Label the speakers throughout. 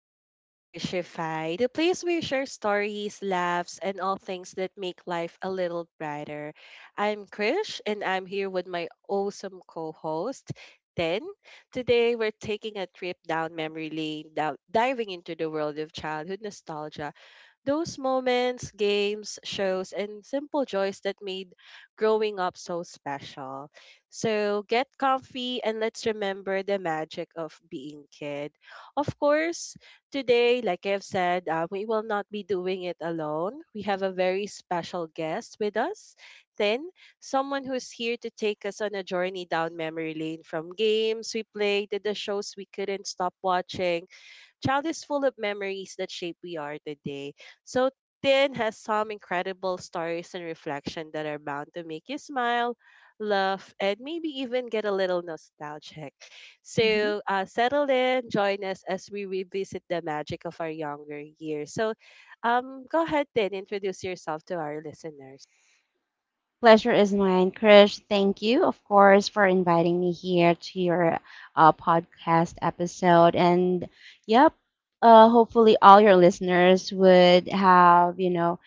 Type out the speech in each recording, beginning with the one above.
Speaker 1: to Crishified, the place where we share stories, laughs, and all things that make life a little brighter. I'm Krish, and I'm here with my awesome co host, Ten. Today, we're taking a trip down memory lane, down, diving into the world of childhood nostalgia those moments, games, shows, and simple joys that made growing up so special. So get comfy and let's remember the magic of being kid. Of course, today, like I've said, we will not be doing it alone. We have a very special guest with us, Tin, someone who's here to take us on a journey down memory lane from games we played to the shows we couldn't stop watching Child is full of memories that shape we are today. So Tin has some incredible stories and reflection that are bound to make you smile, laugh, and maybe even get a little nostalgic.
Speaker 2: Mhm.
Speaker 1: So settle in, join us as we revisit the magic of our younger years. So go ahead, Tin, introduce yourself to our listeners.
Speaker 2: Pleasure is mine, Krish. Thank you, of course, for inviting me here to your podcast episode. And yep, hopefully all your listeners would have, you know,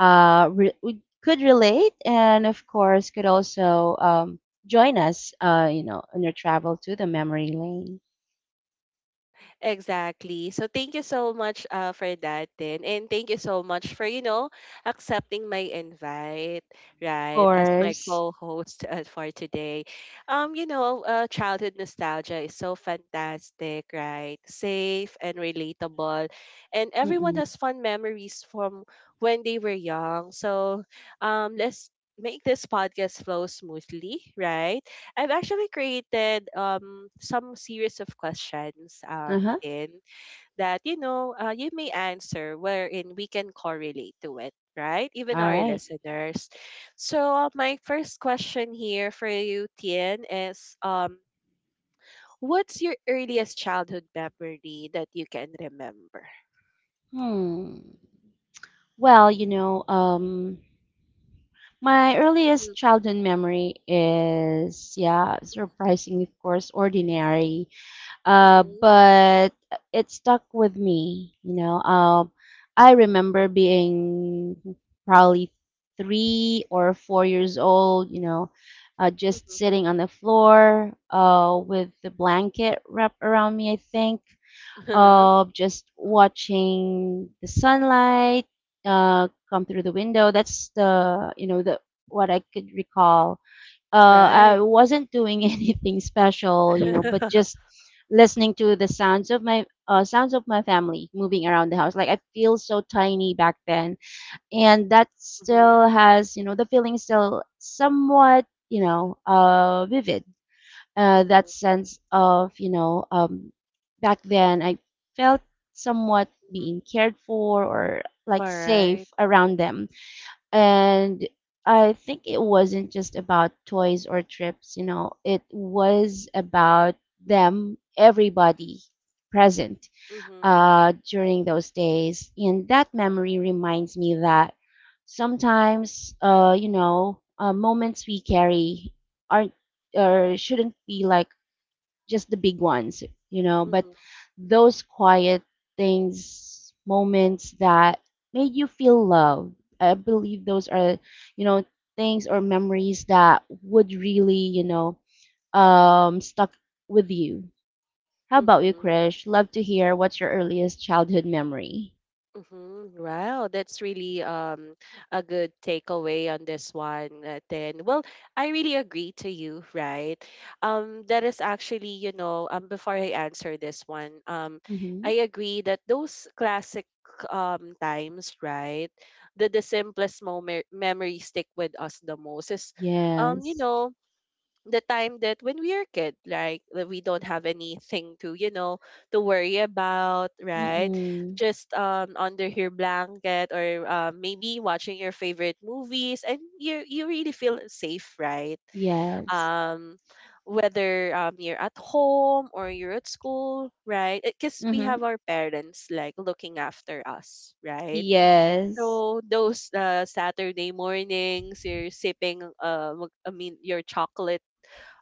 Speaker 2: uh, re- would- could relate, and of course, could also join us, on your travel to the memory lane.
Speaker 1: Exactly. So thank you so much for that then. And thank you so much for, you know, accepting my invite,
Speaker 2: Of
Speaker 1: right, as my
Speaker 2: course.
Speaker 1: co-host for today. You know, childhood nostalgia is so fantastic, right? Safe and relatable. And everyone
Speaker 2: Mm-mm.
Speaker 1: has fun memories from when they were young. So, let's make this podcast flow smoothly, right? I've actually created some series of questions
Speaker 2: Uh huh.
Speaker 1: in that you know you may answer wherein we can correlate to it right even
Speaker 2: All
Speaker 1: our
Speaker 2: right.
Speaker 1: listeners so my first question here for you tien is what's your earliest childhood memory that you can remember
Speaker 2: Hmm. Well, my earliest
Speaker 1: Mhm,
Speaker 2: childhood memory is, yeah, surprising, of course, ordinary,
Speaker 1: mhm,
Speaker 2: but it stuck with me. I remember being probably 3 or 4 years old.
Speaker 1: mhm,
Speaker 2: Just
Speaker 1: mhm.
Speaker 2: sitting on the floor, with the blanket wrapped around me, I think, of just watching the sunlight come through the window. That's the you know the what I could recall. I
Speaker 1: right
Speaker 2: wasn't doing anything special, but just listening to the sounds of my family moving around the house. Like I feel so tiny back then, and that
Speaker 1: Mhm,
Speaker 2: still has, the feeling still somewhat, vivid. That
Speaker 1: mhm,
Speaker 2: sense of, back then I felt somewhat
Speaker 1: mhm.
Speaker 2: being cared for or
Speaker 1: All
Speaker 2: like
Speaker 1: right.
Speaker 2: safe around them. And I think it wasn't just about toys or trips, it was about them, everybody present,
Speaker 1: Mm-hmm,
Speaker 2: during those days. And that memory reminds me that sometimes, moments we carry aren't or shouldn't be like just the big ones, but those quiet things, moments that made you feel loved. I believe those are, you know, things or memories that would really, stuck with you. How about you,
Speaker 1: mm-hmm,
Speaker 2: Krish? Love to hear what's your earliest childhood memory.
Speaker 1: mm-hmm. Wow, that's really a good takeaway on this one. Then, well, I really agree to you, right? That is actually, you know, before I answer this one,
Speaker 2: Mm-hmm.
Speaker 1: I agree that those classic times, right? The simplest moment memories stick with us the most is, you
Speaker 2: Yes.
Speaker 1: know, the time that when we are kid, like that we don't have anything to, you know, to worry about, right?
Speaker 2: Mm-mm.
Speaker 1: Just under your blanket or maybe watching your favorite movies, and you really feel safe, right?
Speaker 2: Yes.
Speaker 1: Um, whether you're at home or you're at school, right? Because we
Speaker 2: Mm-hmm.
Speaker 1: have our parents like looking after us, right?
Speaker 2: Yes.
Speaker 1: So those Saturday mornings, you're sipping I mean your chocolate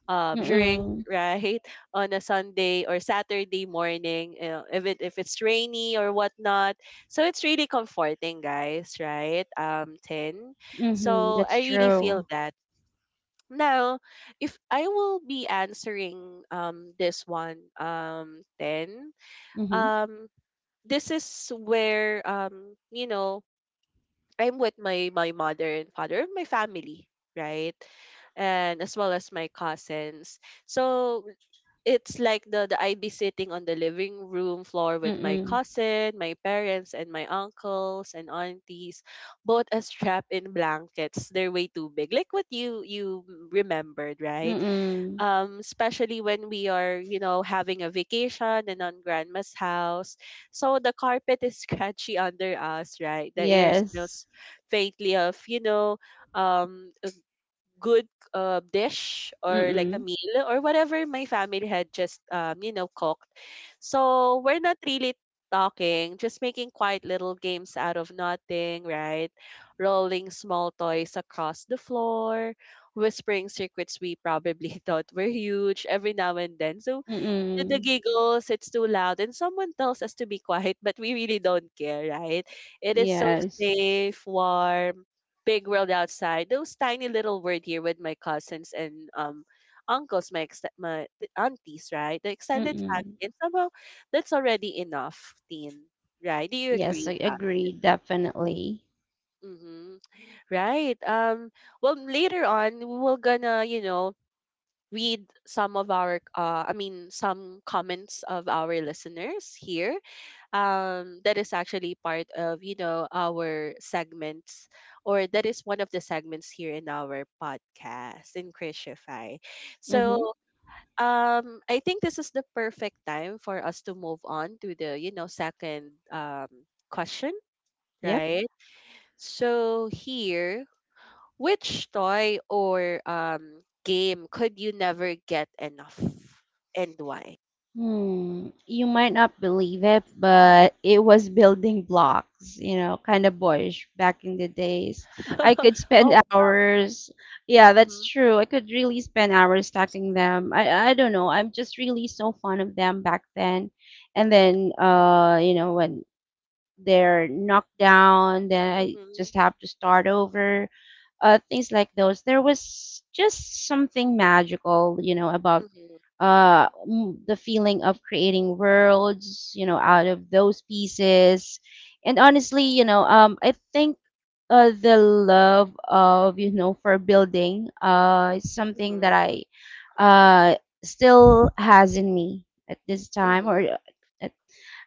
Speaker 1: drink,
Speaker 2: Mm-mm.
Speaker 1: right, on a Sunday or Saturday morning, you know, if it if it's rainy or whatnot. So it's really comforting, guys, right? Tin.
Speaker 2: Mm-hmm.
Speaker 1: So
Speaker 2: That's
Speaker 1: I really feel
Speaker 2: true.
Speaker 1: that. Now, if I will be answering this one then
Speaker 2: Mm-hmm.
Speaker 1: um this is where you know I'm with my mother and father, my family, right? And as well as my cousins. So it's like the I'd be sitting on the living room floor with my
Speaker 2: Mm-mm.
Speaker 1: cousin, my parents, and my uncles and aunties, both as trapped in blankets. They're way too big, like what you remembered, right?
Speaker 2: Mm-mm.
Speaker 1: Especially when we are, you know, having a vacation and on grandma's house, so the carpet is scratchy under us, right? The air
Speaker 2: Yes.
Speaker 1: smells faintly of, you know, um good dish or like a
Speaker 2: Mm-mm.
Speaker 1: meal or whatever my family had just you know cooked. So we're not really talking, just making quiet little games out of nothing, right? Rolling small toys across the floor, whispering secrets we probably thought were huge every now and then. So the
Speaker 2: Mm-mm.
Speaker 1: giggles, it's too loud. And someone tells us to be quiet, but we really don't care, right? It is so
Speaker 2: Yes.
Speaker 1: safe, warm, big world outside. Those tiny little word here with my cousins and uncles, my ex- my th- aunties, right? The extended family.
Speaker 2: Mm-mm.
Speaker 1: And somehow that's already enough, Teen. Right? Do you
Speaker 2: Yes,
Speaker 1: agree
Speaker 2: I
Speaker 1: with that?
Speaker 2: agree, definitely.
Speaker 1: Mm-hmm. Right. Well later on we're gonna, you know, read some of our some comments of our listeners here that is actually part of you know our segments or that is one of the segments here in our podcast in Christify.
Speaker 2: Mm-hmm.
Speaker 1: So I think this is the perfect time for us to move on to the you know second question,
Speaker 2: Yep.
Speaker 1: right? So here which toy or game could you never get enough and why?
Speaker 2: Hmm. You might not believe it, but it was building blocks, kind of boyish back in the days. I could spend
Speaker 1: Oh,
Speaker 2: hours. Yeah,
Speaker 1: mm-hmm,
Speaker 2: that's true. I could really spend hours stacking them. I don't know. I'm just really so fond of them back then. And then when they're knocked down, then I
Speaker 1: mm-hmm,
Speaker 2: just have to start over. Things like those. There was just something magical, about
Speaker 1: mm-hmm,
Speaker 2: the feeling of creating worlds, out of those pieces. And honestly, I think the love of, for building is something that
Speaker 1: mm-hmm,
Speaker 2: I uh still has in me at this time,
Speaker 1: mm-hmm.
Speaker 2: or uh,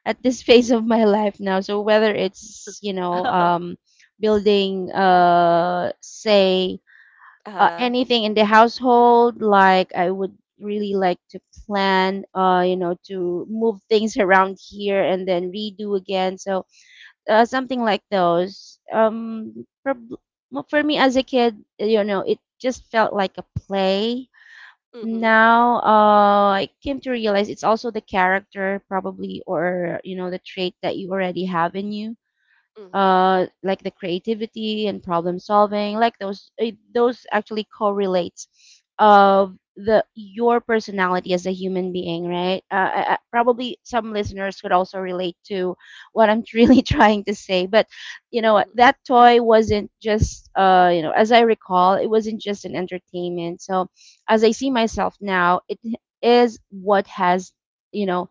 Speaker 2: at this phase of my life now. So whether it's, building say
Speaker 1: uh,
Speaker 2: anything in the household, like I would really like to plan, to move things around here and then redo again. So something like those. Well, for me as a kid, it just felt like a play
Speaker 1: mm-hmm,
Speaker 2: now. I came to realize it's also the character probably or, the trait that you already have in you,
Speaker 1: mm-hmm,
Speaker 2: like the creativity and problem solving, like those actually correlates of the your personality as a human being, right? I,
Speaker 1: mm-hmm,
Speaker 2: probably some listeners could also relate to what I'm really trying to say, but you know what,
Speaker 1: mm-hmm,
Speaker 2: that toy wasn't just, as I recall, it wasn't just an entertainment. So as I see myself now, it is what has, you know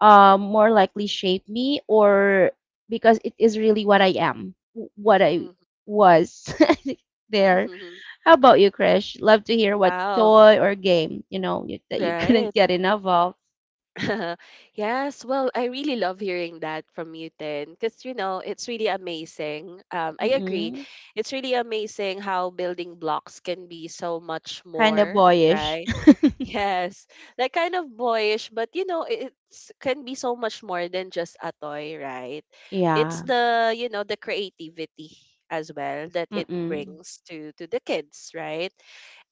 Speaker 2: more likely shape me, or because it is really what I am, what I
Speaker 1: mm-hmm.
Speaker 2: was there.
Speaker 1: Mm-hmm.
Speaker 2: How about you, Krish? Love to hear what
Speaker 1: Wow,
Speaker 2: toy or game, that you
Speaker 1: right.
Speaker 2: couldn't get enough of.
Speaker 1: yes, well, I really love hearing that from you, Tin, because, you know, it's really amazing. I agree.
Speaker 2: Mm-mm.
Speaker 1: It's really amazing how building blocks can be so much
Speaker 2: Kind of
Speaker 1: more,
Speaker 2: boyish.
Speaker 1: right? Yes, like kind of boyish, but you know, it- it's can be so much more than just a toy, right? It's
Speaker 2: Yeah.
Speaker 1: the, you know, the creativity as well that it
Speaker 2: Mm-mm.
Speaker 1: brings to the kids, right?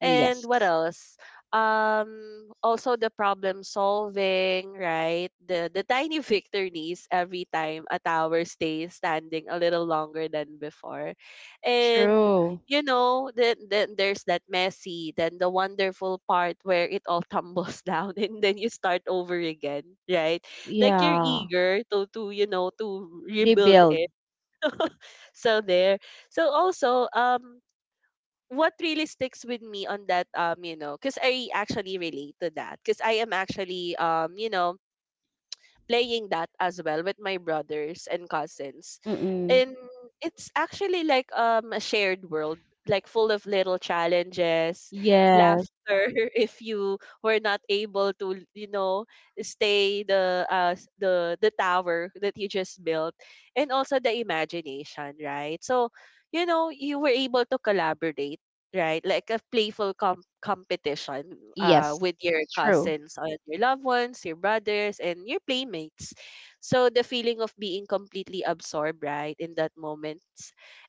Speaker 1: And what else? Also the problem solving, right? The tiny victories every time a tower stays standing a little longer than before. And
Speaker 2: True.
Speaker 1: you know, then there's that messy, then the wonderful part where it all tumbles down and then you start over again, right? Like you're
Speaker 2: Yeah.
Speaker 1: eager to you know, to rebuild
Speaker 2: Rebuild.
Speaker 1: it. So there. So also, what really sticks with me on that you know because I actually relate to that because I am actually you know playing that as well with my brothers and cousins
Speaker 2: Mm-mm.
Speaker 1: and it's actually like a shared world like full of little challenges
Speaker 2: Yes.
Speaker 1: laughter if you were not able to you know stay the the tower that you just built and also the imagination right so you know you were able to collaborate right? Like a playful competition
Speaker 2: Yes.
Speaker 1: with your
Speaker 2: True.
Speaker 1: cousins or your loved ones, your brothers, and your playmates. So the feeling of being completely absorbed, right, in that moment,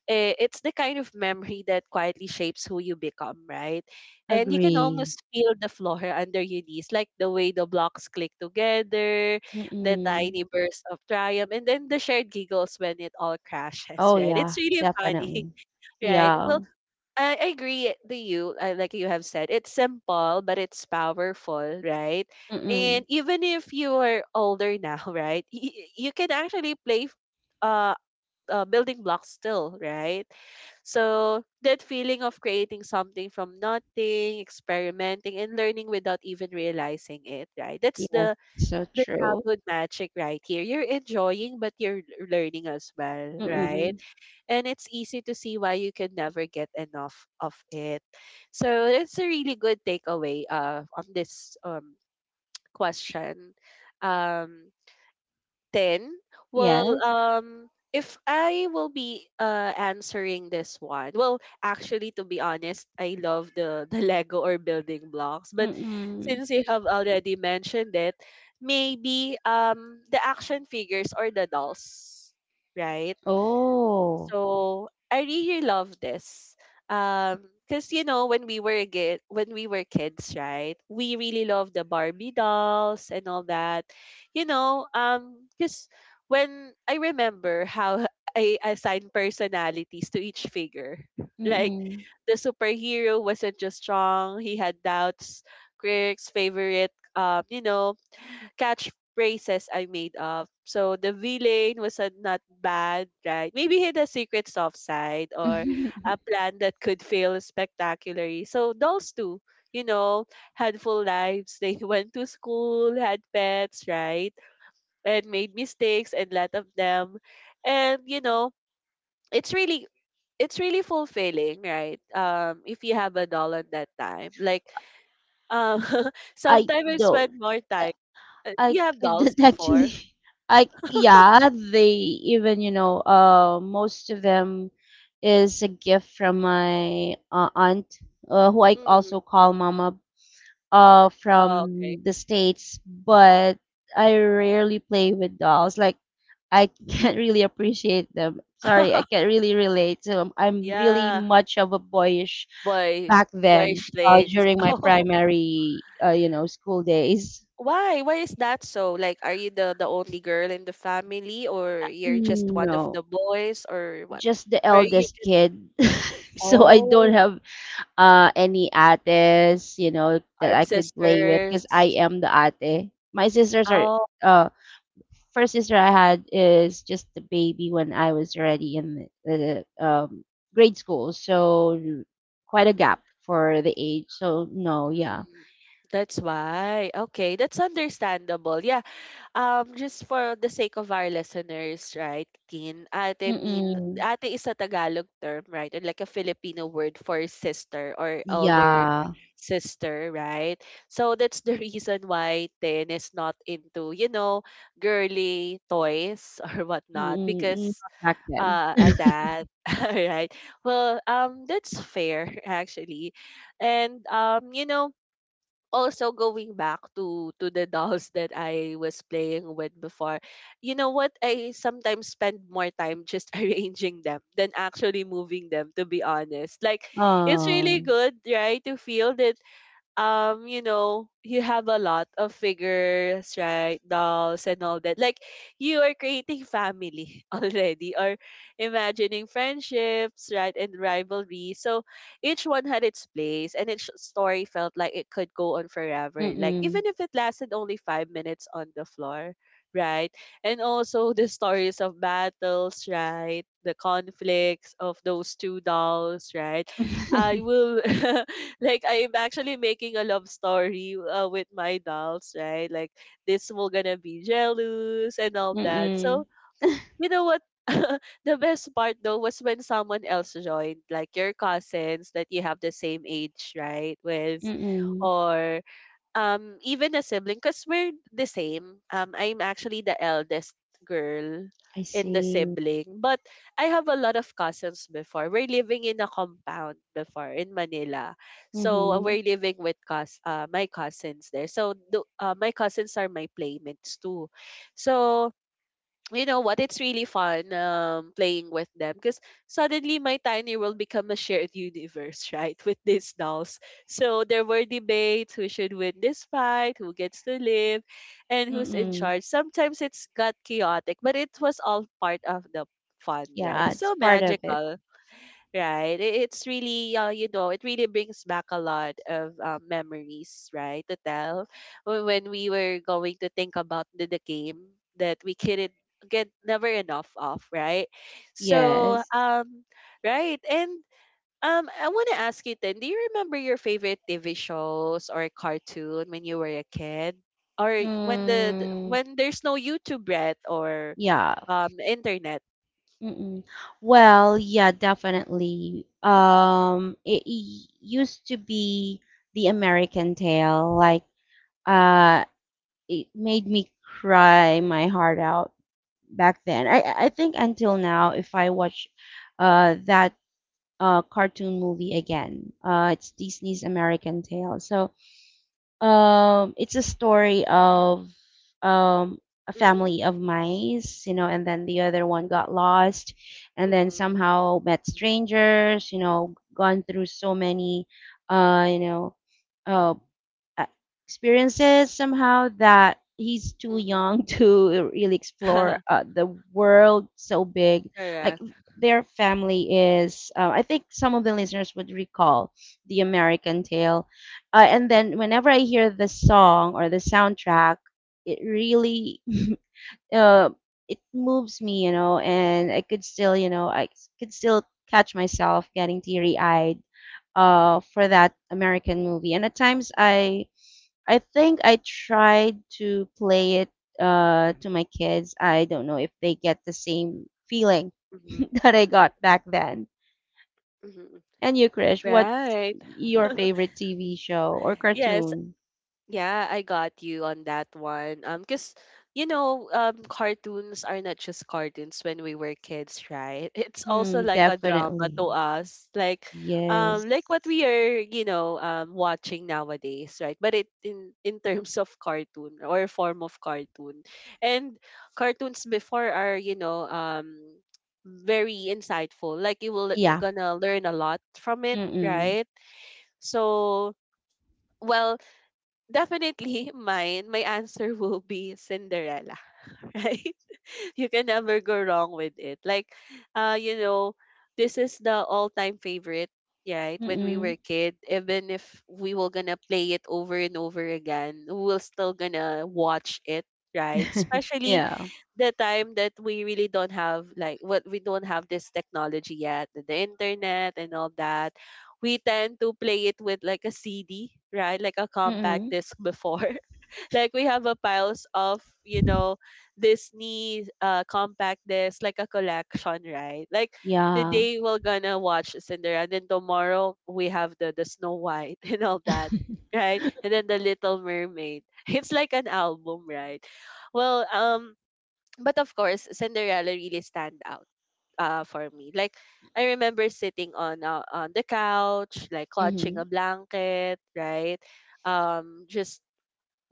Speaker 1: eh, it's the kind of memory that quietly shapes who you become, right? And you can
Speaker 2: Agree.
Speaker 1: almost feel the floor under your knees, like the way the blocks click together, the
Speaker 2: Mm-mm.
Speaker 1: tiny bursts of triumph, and then the shared giggles when it all crashes,
Speaker 2: Oh,
Speaker 1: right?
Speaker 2: yeah,
Speaker 1: It's really funny,
Speaker 2: definitely.
Speaker 1: right?
Speaker 2: Yeah.
Speaker 1: Well, I agree to you, like you have said, it's simple, but it's powerful, right? And
Speaker 2: Mm-mm.
Speaker 1: even if you are older now, right, you can actually play uh, building blocks still, right? So that feeling of creating something from nothing, experimenting, and learning without even realizing it, right? That's
Speaker 2: Yes,
Speaker 1: the,
Speaker 2: so
Speaker 1: the
Speaker 2: true.
Speaker 1: childhood magic right here. You're enjoying, but you're learning as well, right?
Speaker 2: Mm-mm.
Speaker 1: And it's easy to see why you can never get enough of it. So it's a really good takeaway on this question. Um, then, well,
Speaker 2: Yes.
Speaker 1: if I will be answering this one, well, actually, to be honest, I love the the Lego or building blocks, but
Speaker 2: Mm-mm.
Speaker 1: since you have already mentioned it, maybe the action figures or the dolls, right?
Speaker 2: Oh.
Speaker 1: So I really love this. Because you know when we were kids, right? We really love the Barbie dolls and all that. You know, because when I remember how I assigned personalities to each figure, like
Speaker 2: Mm-mm.
Speaker 1: the superhero wasn't just strong; he had doubts. Critics' favorite, you know, catchphrases I made up. So the villain was a not bad, right? Maybe hid a secret soft side or a plan that could fail spectacularly. So dolls too, you know, had full lives. They went to school, had pets, right? And made mistakes and lot of them. And you know, it's really it's really fulfilling, right? If you have a doll at that time. Like um
Speaker 2: I
Speaker 1: sometimes I
Speaker 2: don't.
Speaker 1: spend more
Speaker 2: uh,
Speaker 1: time do you
Speaker 2: I
Speaker 1: have dolls
Speaker 2: couldn't
Speaker 1: before?
Speaker 2: actually. I yeah. They even. Most of them is a gift from my aunt, who I
Speaker 1: Mm.
Speaker 2: also call mama,
Speaker 1: Oh, okay.
Speaker 2: from the States, but I rarely play with dolls. Like I can't really appreciate them. Sorry, I can't really relate to 'em. I'm really
Speaker 1: Yeah.
Speaker 2: much of a boyish
Speaker 1: Boy,
Speaker 2: back then,
Speaker 1: boyish things.
Speaker 2: during my
Speaker 1: Oh,
Speaker 2: primary, school days.
Speaker 1: why? Why is that so? Like, are you the only girl in the family, or you're just one of
Speaker 2: No,
Speaker 1: the boys, or what?
Speaker 2: just the
Speaker 1: Or are you
Speaker 2: eldest
Speaker 1: just
Speaker 2: kid. So I don't
Speaker 1: oh,
Speaker 2: have any ates, that
Speaker 1: are
Speaker 2: I could play with
Speaker 1: sisters?
Speaker 2: because I am the ate. My sisters are,
Speaker 1: Oh,
Speaker 2: uh, first sister I had is just a baby when I was already in the grade school, so quite a gap for the age. So no, yeah.
Speaker 1: mm, that's why. Okay, that's understandable. Yeah. Just for the sake of our listeners, right, Teen? Ate mean,
Speaker 2: Mm-mm.
Speaker 1: ate is a Tagalog term, right? Or like a Filipino word for sister or elder
Speaker 2: Yeah.
Speaker 1: sister, right? So that's the reason why Tin is not into, you know, girly toys or whatnot
Speaker 2: Mm-mm.
Speaker 1: because
Speaker 2: Not back then.
Speaker 1: of that. All right. Well, that's fair actually, and you know, also going back to the dolls that I was playing with before, you know what? I sometimes spend more time just arranging them than actually moving them. To be honest, like, it's really
Speaker 2: Oh,
Speaker 1: good, right, to feel that you know, you have a lot of figures, right? Dolls and all that. Like you are creating family already, or imagining friendships, right? And rivalry. So each one had its place, and each story felt like it could go on forever, like even
Speaker 2: mm-mm.
Speaker 1: if it lasted only 5 minutes on the floor, right? And also, the stories of battles, right? The conflicts of those two dolls, right? I will like, I'm actually making a love story with my dolls, right? Like this will gonna be jealous and all that. So
Speaker 2: Mm-mm.
Speaker 1: you know what? The best part though was when someone else joined, like your cousins that you have the same age, right? With,
Speaker 2: Mm-mm.
Speaker 1: or even a sibling, because we're the same. I'm actually the eldest girl
Speaker 2: I
Speaker 1: in the
Speaker 2: see.
Speaker 1: sibling, but I have a lot of cousins. Before, we're living in a compound before in Manila, so
Speaker 2: Mm-hmm.
Speaker 1: we're living with my cousins there. So my cousins are my playmates too. So you know what? It's really fun playing with them, because suddenly my tiny world become a shared universe right? With these dolls. So there were debates who should win this fight, who gets to live, and who's in
Speaker 2: Mm-mm.
Speaker 1: charge. Sometimes it's got chaotic, but it was all part of the fun, right?
Speaker 2: Yeah,
Speaker 1: It's
Speaker 2: it's
Speaker 1: so
Speaker 2: part of it.
Speaker 1: magical. Right. It's really, you know, it really brings back a lot of memories, right? To tell when we were going to think about the game that we couldn't get never enough of, right? So,
Speaker 2: Yes.
Speaker 1: right. And I want to ask you then, do you remember your favorite TV shows or cartoon when you were a kid? Or when the
Speaker 2: Mm,
Speaker 1: when there's no YouTube, Brett, or
Speaker 2: yeah.
Speaker 1: internet.
Speaker 2: Mm-mm. Well, yeah, definitely. Used to be the American Tale. Like, uh, it made me cry my heart out back then. I think until now, if I watch, that cartoon movie again, it's Disney's American Tale. So, it's a story of um a
Speaker 1: Mm-hmm.
Speaker 2: family of mice, and then the other one got lost, and then
Speaker 1: Mm-hmm.
Speaker 2: somehow met strangers, gone through so many, uh, you know, uh, uh, experiences somehow that he's too
Speaker 1: Mm-hmm.
Speaker 2: young to really explore, the world so big. Like
Speaker 1: Correct.
Speaker 2: their family is, I think some of the listeners would recall the American Tale. And then whenever I hear the song or the soundtrack, it really uh, it moves me, and I could still catch myself getting teary eyed, for that American movie. And at times I think I tried to play it to my kids. I don't know if they get the same feeling
Speaker 1: Mhm,
Speaker 2: that I
Speaker 1: mm,
Speaker 2: got back then.
Speaker 1: mhm.
Speaker 2: And you, Krish, what's
Speaker 1: Right.
Speaker 2: your favorite TV show or
Speaker 1: Yes.
Speaker 2: cartoon?
Speaker 1: Yeah, I got you on that one. Cause you know, cartoons are not just cartoons when we were kids, right? It's also
Speaker 2: Hmm,
Speaker 1: like a drama
Speaker 2: definitely.
Speaker 1: to us,
Speaker 2: Yes.
Speaker 1: like what we are, you know, watching nowadays, right? But it, in terms of cartoon or form of cartoon, and cartoons before are, you know, very insightful. Like you will
Speaker 2: Yeah.
Speaker 1: gonna learn a lot from it,
Speaker 2: Mm-mm.
Speaker 1: right? So, well, definitely mine, my answer will be Cinderella, right? You can never go wrong with it. Like, you know, this is the all-time favorite, yeah, right? When we were
Speaker 2: Mm-mm.
Speaker 1: kid, even if we were gonna play it over and over again, we will still gonna watch it, right? Especially
Speaker 2: Yeah.
Speaker 1: the time that we really don't have, like what we don't have this technology yet, the internet and all that. We tend to play it with like a CD, right? Like a compact
Speaker 2: Mm-mm.
Speaker 1: disc before. Like we have a piles of, you know, Disney compact disc, like a collection, right? Like
Speaker 2: Yeah.
Speaker 1: today we're gonna watch Cinderella, and then tomorrow we have the Snow White and all that, right? And then the Little Mermaid. It's like an album, right? Well, but of course, Cinderella really stand out for me. Like I remember sitting on the couch, like clutching
Speaker 2: Mm-hmm.
Speaker 1: a blanket, right? Just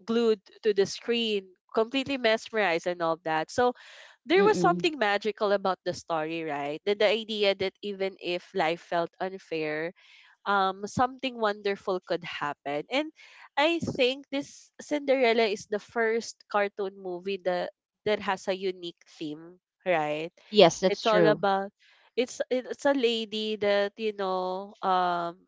Speaker 1: glued to the screen, completely mesmerized and all that. So there was
Speaker 2: Mm-mm.
Speaker 1: something magical about the story, right? That the idea that even if life felt unfair, something wonderful could happen. And I think this Cinderella is the first cartoon movie that has a unique theme, right?
Speaker 2: Yes, that's
Speaker 1: It's all
Speaker 2: true.
Speaker 1: about it's a lady that, you know,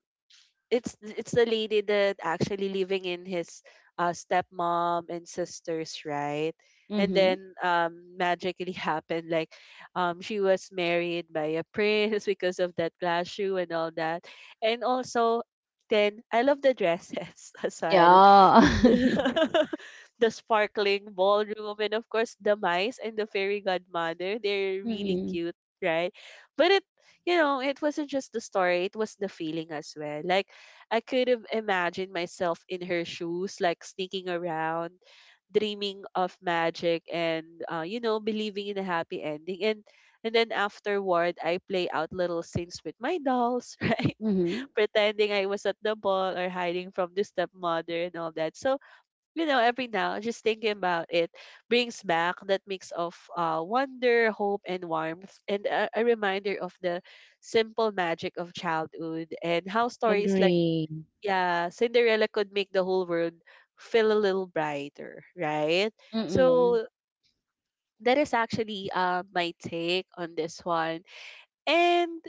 Speaker 1: it's the lady that actually living in his stepmom and sisters, right? And
Speaker 2: Mm-hmm.
Speaker 1: then magically happened. Like she was married by a prince because of that glass shoe and all that. And also then I love the dresses as well.
Speaker 2: Yeah.
Speaker 1: The sparkling ballroom, and of course the mice and the fairy godmother, they're really
Speaker 2: Mm-mm.
Speaker 1: cute, right? But it, you know, it wasn't just the story, it was the feeling as well. Like I could have imagined myself in her shoes, like sneaking around, dreaming of magic, and you know, believing in a happy ending. And then afterward I play out little scenes with my dolls, right?
Speaker 2: Mm-hmm.
Speaker 1: Pretending I was at the ball, or hiding from the stepmother and all that. So you know, every now, just thinking about it brings back that mix of wonder, hope, and warmth, and a reminder of the simple magic of childhood, and how stories like,
Speaker 2: Agree.
Speaker 1: yeah, Cinderella could make the whole world feel a little brighter, right?
Speaker 2: Mm-mm.
Speaker 1: So that is actually my take on this one. And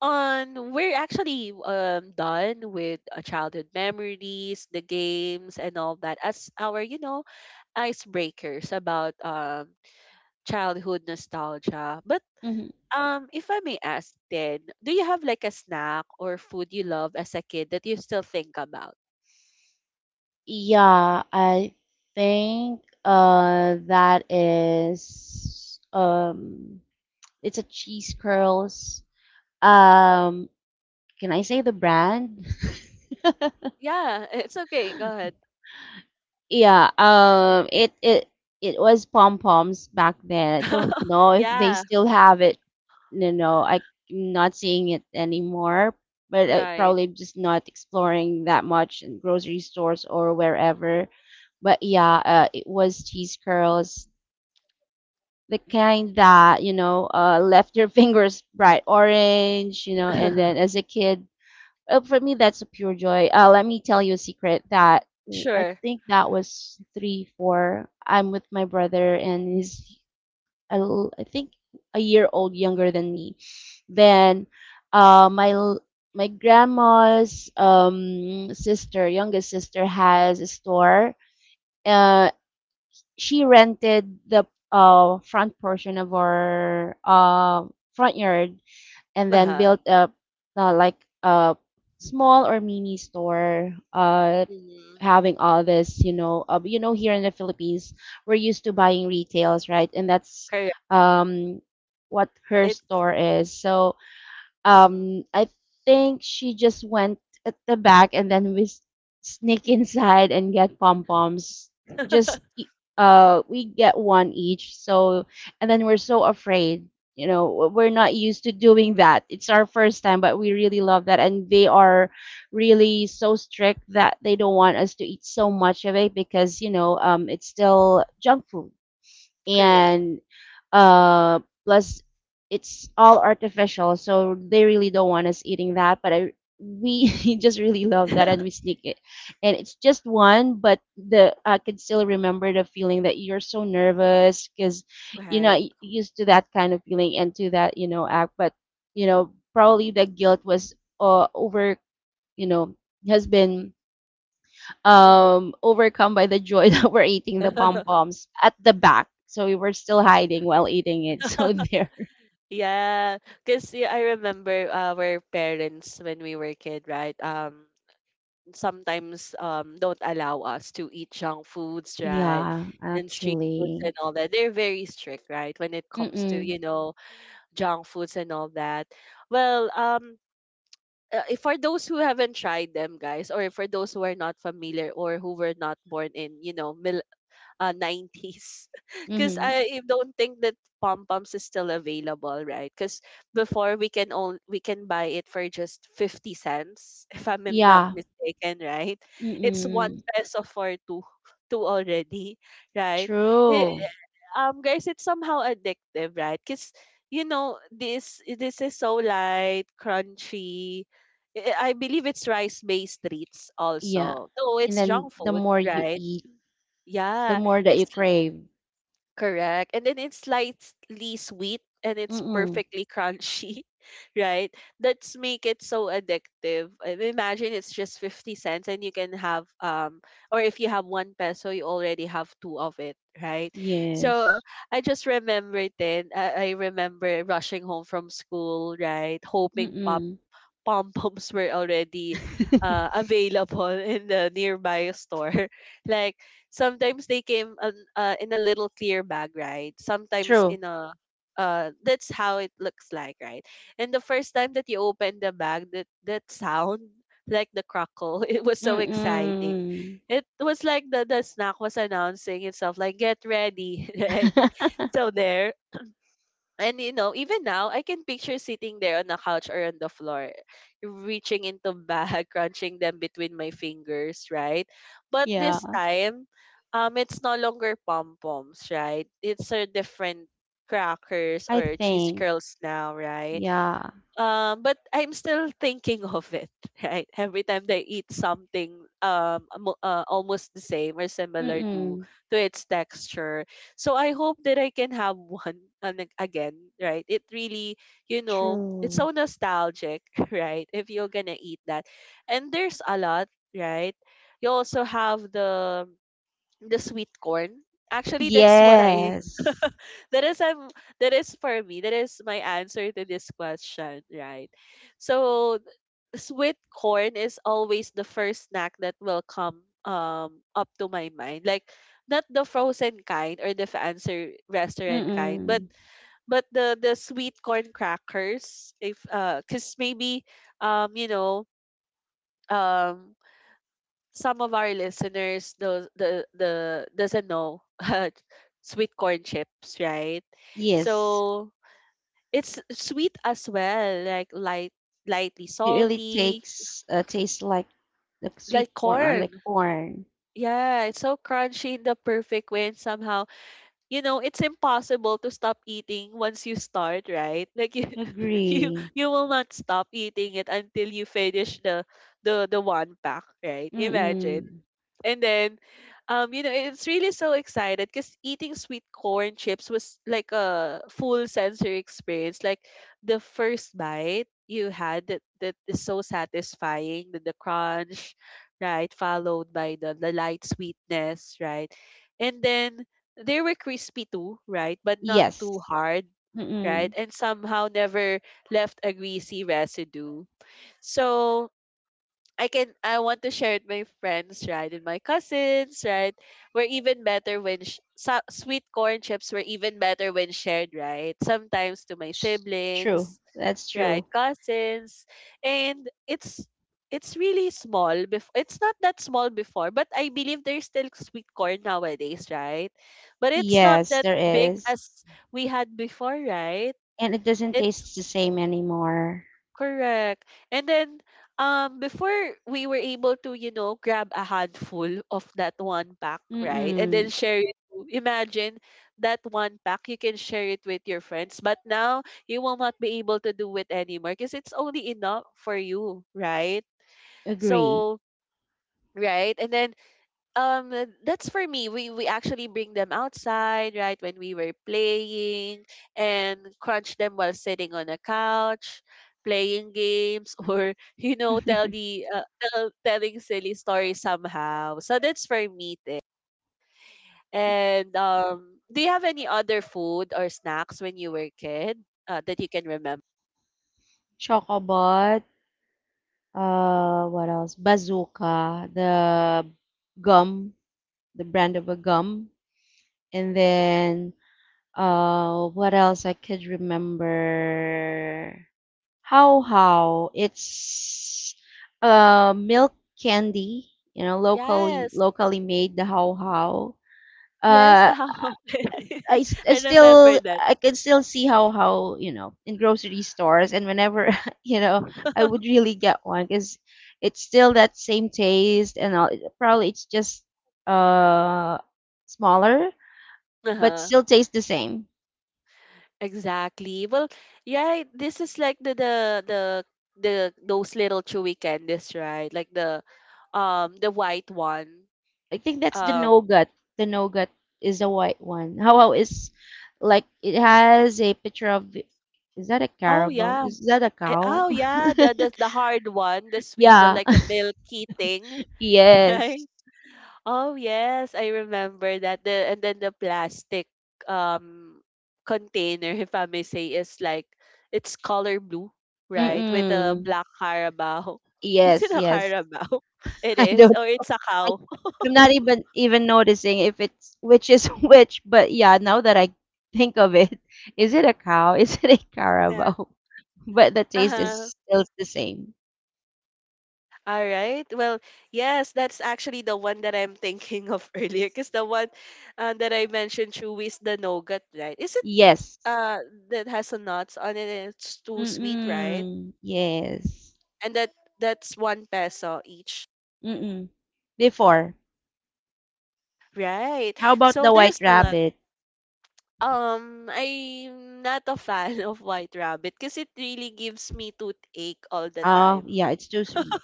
Speaker 1: on we're actually done with childhood memories, the games and all that, as our, you know, icebreakers about childhood nostalgia. But
Speaker 2: Mhm.
Speaker 1: if I may ask then, do you have like a snack or food you love as a kid that you still think about?
Speaker 2: Yeah, I think that is, it's a cheese curls. Um, can I say the brand?
Speaker 1: Yeah, it's okay. Go ahead.
Speaker 2: Yeah, it was pom poms back then. I don't know if they
Speaker 1: Yeah,
Speaker 2: still have it. No, no, I'm not seeing it anymore. But I
Speaker 1: right.
Speaker 2: probably just not exploring that much in grocery stores or wherever. But yeah, it was cheese curls, the kind that, left your fingers bright orange. And then as a kid, for me, that's a pure joy. Let me tell you a secret that I
Speaker 1: Sure.
Speaker 2: think that was three, four. I'm with my brother, and he's, I think, a year old younger than me. Then, uh, my l- my grandma's, sister, youngest sister, has a store. Uh, she rented the front portion of our front yard, and then
Speaker 1: Uh-huh.
Speaker 2: build up like a small or mini store,
Speaker 1: Mm-hmm.
Speaker 2: having all this, here in the Philippines we're used to
Speaker 1: Mm-hmm.
Speaker 2: buying retails, right? And that's,
Speaker 1: Correct.
Speaker 2: um what her
Speaker 1: It's
Speaker 2: store is. So,
Speaker 1: mhm.
Speaker 2: I think she just went at the back, and then we sneak inside and get pom poms. Just e- we get one each. So and then we're so afraid. We're not used to doing that. It's our first time, but we really love that. And they are really so strict that they don't want us to eat so much of it because, it's still junk food,
Speaker 1: Correct.
Speaker 2: and uh plus it's all artificial, so they really don't want us eating that. But I we just really love that, and we sneak it, and it's just one. But the I can still remember the feeling that you're so nervous because you're not,
Speaker 1: Right.
Speaker 2: used to that kind of feeling and to that, act. But, probably the guilt was, over, you know has been,
Speaker 1: Mm-hmm.
Speaker 2: overcome by the joy that we're eating the pom poms at the back. So we were still hiding while eating it. So there.
Speaker 1: Yeah, because yeah, I remember our parents when we were kid, right? Sometimes don't allow us to eat junk foods, right?
Speaker 2: Yeah,
Speaker 1: And street foods
Speaker 2: actually.
Speaker 1: and all that. They're very strict, right? When it comes to, you
Speaker 2: Mm-mm.
Speaker 1: know, junk foods and all that. Well, if for those who haven't tried them, guys, or for those who are not familiar or who were not born in, you know, 90s because
Speaker 2: Mm-hmm.
Speaker 1: I don't think that pom poms is still available, right? Because before we can buy it for just 50 cents, if I'm not
Speaker 2: Yeah.
Speaker 1: mistaken, right? It's one
Speaker 2: Mm-mm.
Speaker 1: peso for two already, right? Eh,
Speaker 2: True.
Speaker 1: guys, it's somehow addictive, right? Because you know this is so light, crunchy. Eh, I believe it's rice based treats
Speaker 2: Yeah.
Speaker 1: also. No,
Speaker 2: And
Speaker 1: it's
Speaker 2: then
Speaker 1: junk
Speaker 2: the
Speaker 1: food,
Speaker 2: more you
Speaker 1: right?
Speaker 2: eat, the
Speaker 1: Yeah,
Speaker 2: more that
Speaker 1: it's
Speaker 2: you crave.
Speaker 1: correct. And then it's slightly sweet and it's
Speaker 2: Mm-mm.
Speaker 1: perfectly crunchy, right? That's make it so addictive. And imagine it's just 50 cents, and you can have or if you have one peso, you already have two of it, right? So
Speaker 2: Yes.
Speaker 1: I just remember it. Then I remember rushing home from school, right? Hoping pop
Speaker 2: Mm-mm.
Speaker 1: pom poms were already available in the nearby store. Like sometimes they came on, in a little clear bag, right? Sometimes
Speaker 2: True.
Speaker 1: in a that's how it looks like, right? And the first time that you open the bag, that sound like the crackle, it was so exciting.
Speaker 2: Mm-mm.
Speaker 1: It was like the snack was announcing itself, like get ready, right? So there, and you know, even now, I can picture sitting there on the couch or on the floor, reaching into bag, crunching them between my fingers, right? But this
Speaker 2: Yeah.
Speaker 1: time, it's no longer pom poms, right? It's a different crackers
Speaker 2: I
Speaker 1: or cheese
Speaker 2: think.
Speaker 1: curls now, right?
Speaker 2: Yeah.
Speaker 1: But I'm still thinking of it, right? Every time they eat something, almost the same or similar
Speaker 2: Mm-mm.
Speaker 1: to its texture. So I hope that I can have one again, right? It really, you know, it's
Speaker 2: True.
Speaker 1: so nostalgic, right? If you're gonna eat that, and there's a lot, right? You also have the sweet corn. Actually, that's what I
Speaker 2: Yes.
Speaker 1: that is I'm that is for me. That is my answer to this question, right? So sweet corn is always the first snack that will come up to my mind. Like not the frozen kind or the fancy restaurant kind, but
Speaker 2: Mm-mm.
Speaker 1: the sweet corn crackers. If cause maybe you know um some of our listeners those the doesn't know sweet corn chips, right?
Speaker 2: Yes.
Speaker 1: So it's sweet as well, like light, lightly
Speaker 2: It really
Speaker 1: salty,
Speaker 2: takes a taste like the
Speaker 1: like
Speaker 2: sweet corn or like
Speaker 1: corn.
Speaker 2: corn.
Speaker 1: Yeah, it's so crunchy in the perfect way, and somehow, you know, it's impossible to stop eating once you start, right? Like you,
Speaker 2: Agree.
Speaker 1: you will not stop eating it until you finish the one pack, right? Imagine.
Speaker 2: Mm-mm.
Speaker 1: And then, you know, it's really so excited because eating sweet corn chips was like a full sensory experience. Like the first bite you had that is so satisfying, the crunch, right? Followed by the light sweetness, right? And then they were crispy too, right? But not
Speaker 2: Yes.
Speaker 1: too hard, right?
Speaker 2: Mm-mm.
Speaker 1: And somehow never left a greasy residue. So I want to share it with my friends, right? And my cousins, right? Were even better when sweet corn chips were even better when shared, right? Sometimes to my
Speaker 2: Tr- True.
Speaker 1: siblings,
Speaker 2: That's
Speaker 1: right?
Speaker 2: true.
Speaker 1: Cousins. And it's really small before, it's not that small before, but I believe there's still sweet corn nowadays, right? But it's not
Speaker 2: Yes,
Speaker 1: that
Speaker 2: there
Speaker 1: big
Speaker 2: is.
Speaker 1: as we had before, right?
Speaker 2: And it doesn't
Speaker 1: It's.
Speaker 2: taste the same anymore.
Speaker 1: Correct. And then before we were able to, you know, grab a handful of that one pack, right? And then
Speaker 2: Mm-mm.
Speaker 1: imagine that one pack you can share it with your friends, but now you will not be able to do it anymore because it's only enough for you, right?
Speaker 2: Agree.
Speaker 1: So, right? And then that's for me, we actually bring them outside, right, when we were playing and crunch them while sitting on a couch playing games or you know telling silly stories somehow, so that's for me there. And do you have any other food or snacks when you were a kid that you can remember?
Speaker 2: Chocobot. What else? Bazooka. The gum. The brand of a gum. And then, what else I could remember? How it's milk candy, locally
Speaker 1: Yes,
Speaker 2: locally made, the how how.
Speaker 1: yes,
Speaker 2: Uh,
Speaker 1: the hawk.
Speaker 2: I, s- I
Speaker 1: I remember
Speaker 2: still
Speaker 1: that.
Speaker 2: I can still see how you know in grocery stores and whenever you know I would really get one because it's still that same taste and all. Probably it's just uh smaller but
Speaker 1: Uh-huh.
Speaker 2: still tastes the same.
Speaker 1: Exactly. Well, yeah, this is like the the those little chewy candies, right? Like the white one.
Speaker 2: I think that's the
Speaker 1: Um
Speaker 2: nougat. The nougat is a white one. How is like it has a picture of is that a
Speaker 1: oh
Speaker 2: carabao?
Speaker 1: yeah.
Speaker 2: Is that a cow?
Speaker 1: Oh yeah, the hard one, the sweet one,
Speaker 2: Yeah.
Speaker 1: like a milky thing.
Speaker 2: Yes.
Speaker 1: Oh yes, I remember that. The and then the plastic um container, if I may say, is like it's color blue, right? With a
Speaker 2: Mm-mm.
Speaker 1: black carabao. Is it
Speaker 2: Yes,
Speaker 1: a
Speaker 2: yes.
Speaker 1: carabao? It
Speaker 2: I
Speaker 1: is,
Speaker 2: don't
Speaker 1: or it's a
Speaker 2: I,
Speaker 1: cow.
Speaker 2: I'm not even noticing if it's which is which, but yeah, now that I think of it, is it a cow? Is it a
Speaker 1: Yeah.
Speaker 2: carabao? But the taste
Speaker 1: Uh-huh.
Speaker 2: is still the same.
Speaker 1: All right. Well, yes, that's actually the one that I'm thinking of earlier, because the one that I mentioned, Chewy, is the nougat, right? Is it
Speaker 2: Yes.
Speaker 1: uh that has a nuts on it and it's too sweet, right?
Speaker 2: Mm-mm. Yes.
Speaker 1: And that's one peso each,
Speaker 2: Mm-mm. Before.
Speaker 1: right?
Speaker 2: How about
Speaker 1: So
Speaker 2: the
Speaker 1: there's
Speaker 2: white
Speaker 1: a lot.
Speaker 2: rabbit?
Speaker 1: I'm not a fan of white rabbit because it really gives me toothache all the
Speaker 2: Oh,
Speaker 1: time.
Speaker 2: yeah, it's too sweet.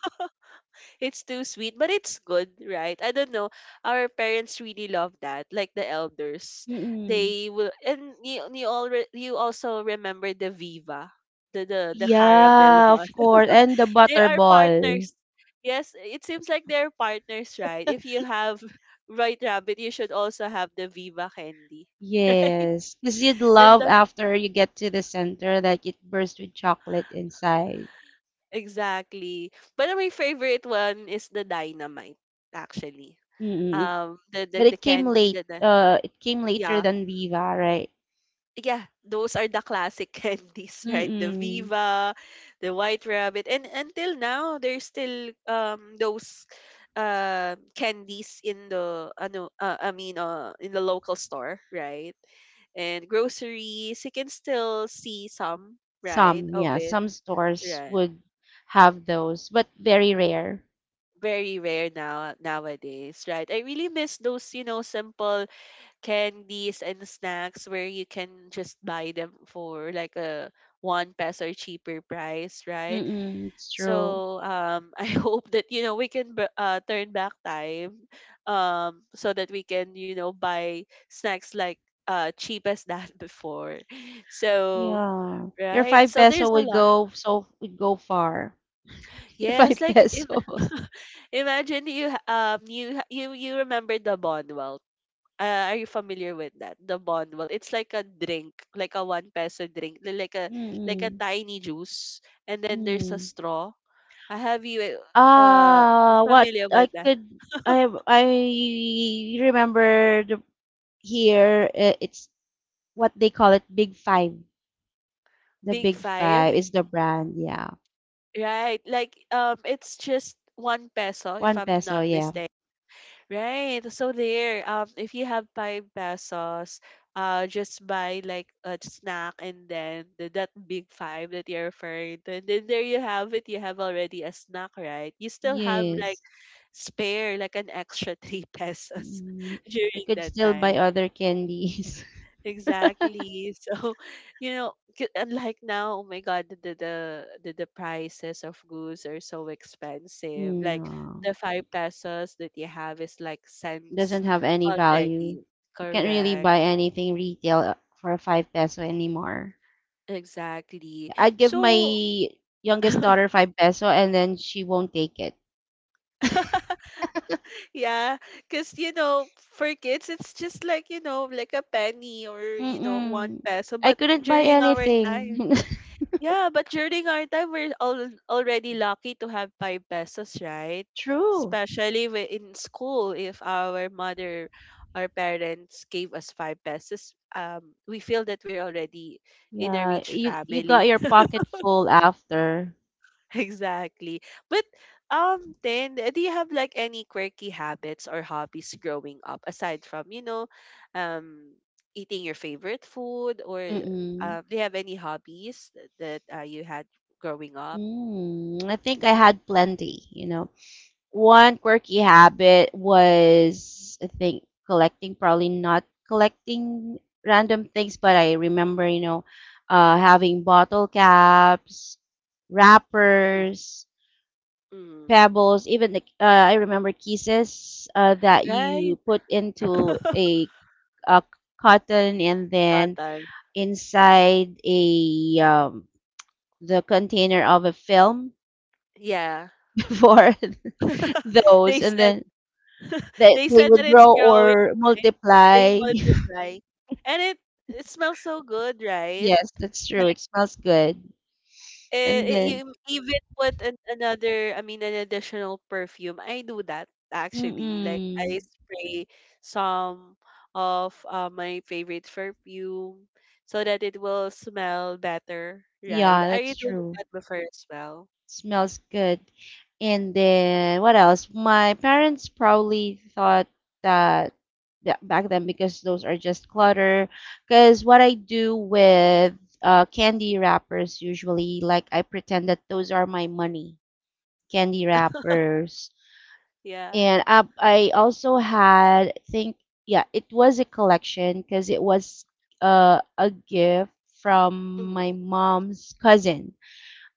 Speaker 1: It's too sweet, but it's good, right? I don't know, our parents really love that, like the elders.
Speaker 2: Mm-mm.
Speaker 1: They will, and you also remember the Viva, the caramel
Speaker 2: Yeah,
Speaker 1: one.
Speaker 2: of course. And the
Speaker 1: They are
Speaker 2: butterball.
Speaker 1: partners. Yes, it seems like they're partners, right? If you have Right Rabbit, you should also have the Viva Candy, right?
Speaker 2: Yes. Because you'd
Speaker 1: Then
Speaker 2: love
Speaker 1: the
Speaker 2: after you get to the center that it bursts with chocolate inside.
Speaker 1: Exactly. But my favorite one is the Dynamite, actually.
Speaker 2: Mm-mm. But
Speaker 1: The
Speaker 2: it came
Speaker 1: candy
Speaker 2: late.
Speaker 1: that the
Speaker 2: It came later
Speaker 1: Yeah,
Speaker 2: than Viva, right?
Speaker 1: yeah, those are the classic candies, right? The
Speaker 2: Mm-mm.
Speaker 1: Viva, the White Rabbit, and until now there's still those candies in the ano I mean in the local store, right? And groceries, you can still see some, right,
Speaker 2: Some,
Speaker 1: of
Speaker 2: yeah.
Speaker 1: it,
Speaker 2: Some stores
Speaker 1: right?
Speaker 2: would have those, but very rare.
Speaker 1: Very rare now nowadays, right? I really miss those, you know, simple candies and snacks where you can just buy them for like a one peso cheaper price, right?
Speaker 2: Mm-mm. It's true.
Speaker 1: So I hope that, you know, we can turn back time, so that we can, you know, buy snacks like cheap as that before. So
Speaker 2: Yeah. Your
Speaker 1: right,
Speaker 2: five
Speaker 1: so there's
Speaker 2: peso
Speaker 1: a
Speaker 2: would
Speaker 1: lot.
Speaker 2: go so would go far. Your
Speaker 1: Yes,
Speaker 2: five
Speaker 1: like
Speaker 2: pesos.
Speaker 1: imagine you ha- you ha- you remember the Bonwell. Are you familiar with that? The bonbon. It's like a drink, like a one peso drink, like a
Speaker 2: Mm-mm.
Speaker 1: tiny juice, and then there's a
Speaker 2: Mm.
Speaker 1: straw. I have, you uh
Speaker 2: Ah, what
Speaker 1: familiar
Speaker 2: I
Speaker 1: with that?
Speaker 2: could I remember the here it's what they call it Big Five. The
Speaker 1: Big
Speaker 2: Big Five
Speaker 1: Five,
Speaker 2: is the brand, yeah.
Speaker 1: right? Like it's just one peso, if
Speaker 2: One
Speaker 1: I'm
Speaker 2: peso,
Speaker 1: not
Speaker 2: yeah.
Speaker 1: mistaken. Right. So there, if you have five pesos, just buy like a snack and then that big five that you're referring to, and then there you have it. You have already a snack, right? You still have like
Speaker 2: Yes.
Speaker 1: spare, like an extra three pesos
Speaker 2: Mm. You
Speaker 1: during
Speaker 2: could
Speaker 1: that
Speaker 2: still buy
Speaker 1: time.
Speaker 2: other candies.
Speaker 1: Exactly. So, you know, unlike now, oh my God, the prices of goods are so expensive. Like
Speaker 2: No.
Speaker 1: the five pesos that you have is like cents
Speaker 2: Doesn't have any value.
Speaker 1: already.
Speaker 2: You can't really
Speaker 1: Correct.
Speaker 2: buy anything retail for five peso anymore.
Speaker 1: Exactly.
Speaker 2: I'd give my
Speaker 1: So,
Speaker 2: youngest daughter five peso and then she won't take it.
Speaker 1: yeah, because, you know, for kids, it's just like, you know, like a penny or, you know, one
Speaker 2: Mm-mm.
Speaker 1: peso.
Speaker 2: I
Speaker 1: But
Speaker 2: couldn't buy
Speaker 1: during our time.
Speaker 2: anything.
Speaker 1: Yeah, but during our time, we're all already lucky to have five pesos, right?
Speaker 2: True.
Speaker 1: Especially in school, if our parents gave us five pesos, we feel that we're already in a
Speaker 2: Yeah,
Speaker 1: rich
Speaker 2: you got
Speaker 1: family.
Speaker 2: your pocket full after.
Speaker 1: Exactly. But then, do you have like any quirky habits or hobbies growing up, aside from, you know, um, eating your favorite food or
Speaker 2: Mm-mm.
Speaker 1: do you have any hobbies that you had growing up?
Speaker 2: Mm, I think I had plenty, one quirky habit was, I think, collecting, probably not collecting random things, but I remember, having bottle caps,
Speaker 1: Mhm,
Speaker 2: wrappers,
Speaker 1: mhm.
Speaker 2: pebbles, even I remember kisses that
Speaker 1: Right?
Speaker 2: you put into a cotton and then
Speaker 1: Cotton.
Speaker 2: inside a the container of a film
Speaker 1: Yeah.
Speaker 2: before
Speaker 1: They
Speaker 2: those, and
Speaker 1: said
Speaker 2: then that
Speaker 1: they
Speaker 2: they
Speaker 1: said
Speaker 2: would
Speaker 1: that it's
Speaker 2: grow
Speaker 1: growing,
Speaker 2: or
Speaker 1: right? They
Speaker 2: multiply.
Speaker 1: multiply. And it smells so good, right?
Speaker 2: Yes, that's true.
Speaker 1: Like
Speaker 2: It smells good. And then,
Speaker 1: you even put I mean an additional perfume. I do that actually. Like
Speaker 2: mm-mm.
Speaker 1: I spray some of my favorite perfume so that it will smell better, right?
Speaker 2: Yeah,
Speaker 1: Are you
Speaker 2: that's
Speaker 1: doing
Speaker 2: true.
Speaker 1: that before as well?
Speaker 2: Smells good. And then what else? My parents probably thought that, that back then because those are just clutter. Because what I do with candy wrappers usually, like I pretend that those are my money, candy wrappers.
Speaker 1: Yeah.
Speaker 2: And I also had, I think, yeah, it was a collection because it was a gift from my mom's cousin.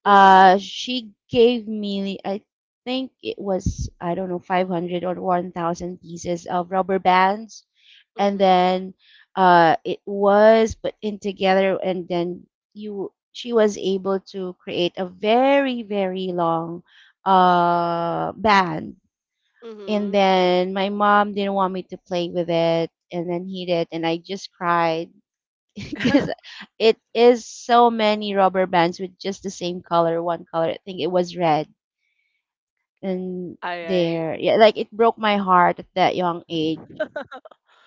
Speaker 1: Mhm.
Speaker 2: She gave me, I think it was, I don't know, 500 or 1000 pieces of rubber bands, and
Speaker 1: Mhm.
Speaker 2: then it was put in together, and then you she was able to create a very very long band, and
Speaker 1: Mhm.
Speaker 2: then my mom didn't want me to play with it, and then he did, and I just cried because it is so many rubber bands with just the same color, one color. I think it was red. And
Speaker 1: All right.
Speaker 2: there, yeah, like it broke my heart at that young age.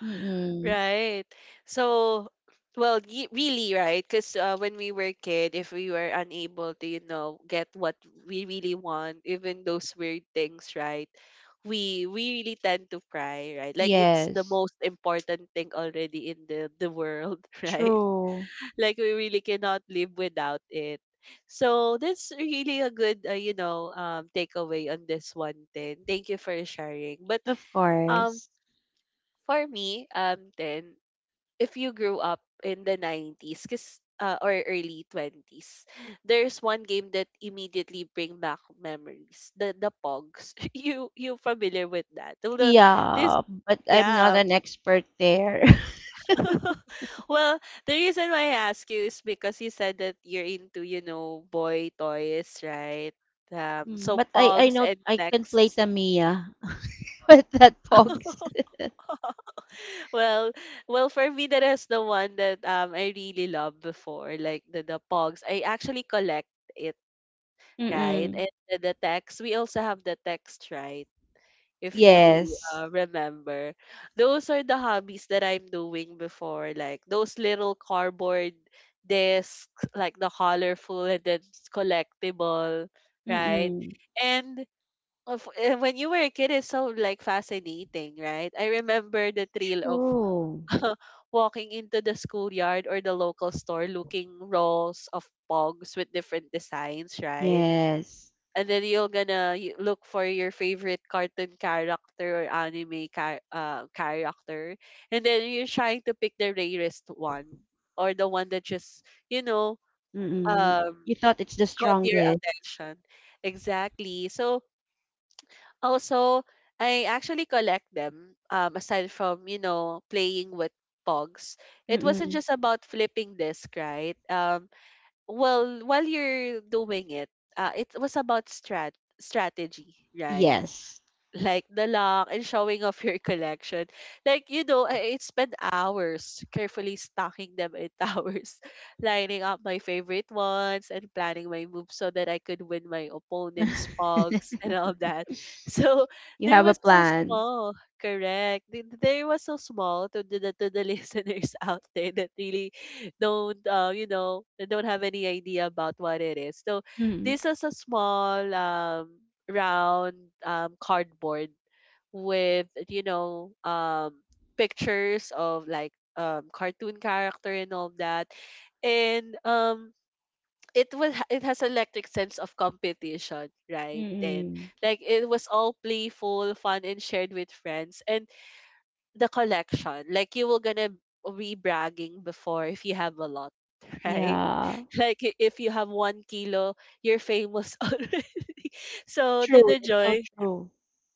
Speaker 2: Mm-mm.
Speaker 1: Right. So, well, really, right? Because when we were kid, if we were unable to, you know, get what we really want, even those weird things, right? We really tend to cry, right? Like it's the
Speaker 2: Yes,
Speaker 1: most important thing already in the world, right?
Speaker 2: true.
Speaker 1: Like we really cannot live without it. So that's really a good, you know, takeaway on this one. Then thank you for sharing. But
Speaker 2: Of
Speaker 1: um,
Speaker 2: course.
Speaker 1: for me, then, if you grew up in the 90s, cause or early twenties, there's one game that immediately bring back memories. The Pogs. You familiar with that? Although this,
Speaker 2: Yeah, but I'm not
Speaker 1: yeah,
Speaker 2: an expert there.
Speaker 1: well, the reason why I ask you is because you said that you're into, you know, boy toys, right?
Speaker 2: Mm,
Speaker 1: So
Speaker 2: but I
Speaker 1: Pogs
Speaker 2: know
Speaker 1: and
Speaker 2: I can play
Speaker 1: Nexts.
Speaker 2: Tamiya, but that pogs.
Speaker 1: Well, well, for me, that is the one that I really loved before, like the Pogs. I actually collect it, right?
Speaker 2: Mm-mm.
Speaker 1: And the text. We also have the text, right? If you
Speaker 2: Yes.
Speaker 1: remember. Those are the hobbies that I'm doing before, like those little cardboard discs, like the colorful and then collectible, right?
Speaker 2: Mm-mm.
Speaker 1: And when you were a kid, it's so like fascinating, right? I remember the thrill of
Speaker 2: True.
Speaker 1: walking into the schoolyard or the local store looking rolls of pogs with different designs, right?
Speaker 2: Yes.
Speaker 1: And then you're gonna look for your favorite cartoon character or anime character, and then you're trying to pick the rarest one, or the one that just, you know,
Speaker 2: Mm-mm.
Speaker 1: um
Speaker 2: You thought it's the
Speaker 1: caught your
Speaker 2: strongest.
Speaker 1: attention. Exactly. So also I actually collect them, aside from, you know, playing with pogs. It wasn't
Speaker 2: Mm-mm.
Speaker 1: just about flipping disc, right? Well, while you're doing it, it was about strategy, right?
Speaker 2: Yes.
Speaker 1: Like the lock and showing off your collection. Like, you know, I'd spend hours carefully stocking them in towers, lining up my favorite ones and planning my moves so that I could win my opponent's pogs and all that. So
Speaker 2: You
Speaker 1: they
Speaker 2: have a
Speaker 1: were so
Speaker 2: plan.
Speaker 1: small, correct? They were so small to the listeners out there that really don't, you know, that don't have any idea about what it is. So
Speaker 2: Mm-mm.
Speaker 1: this is a small round cardboard with, you know, pictures of like, cartoon character and all that. And it has electric sense of competition, right? And
Speaker 2: Mm-mm.
Speaker 1: like it was all playful fun and shared with friends and the collection. Like you will gonna be bragging before if you have a lot, right?
Speaker 2: Yeah.
Speaker 1: Like if you have 1 kilo, you're famous already. So
Speaker 2: True.
Speaker 1: the
Speaker 2: That's so
Speaker 1: joy,
Speaker 2: true.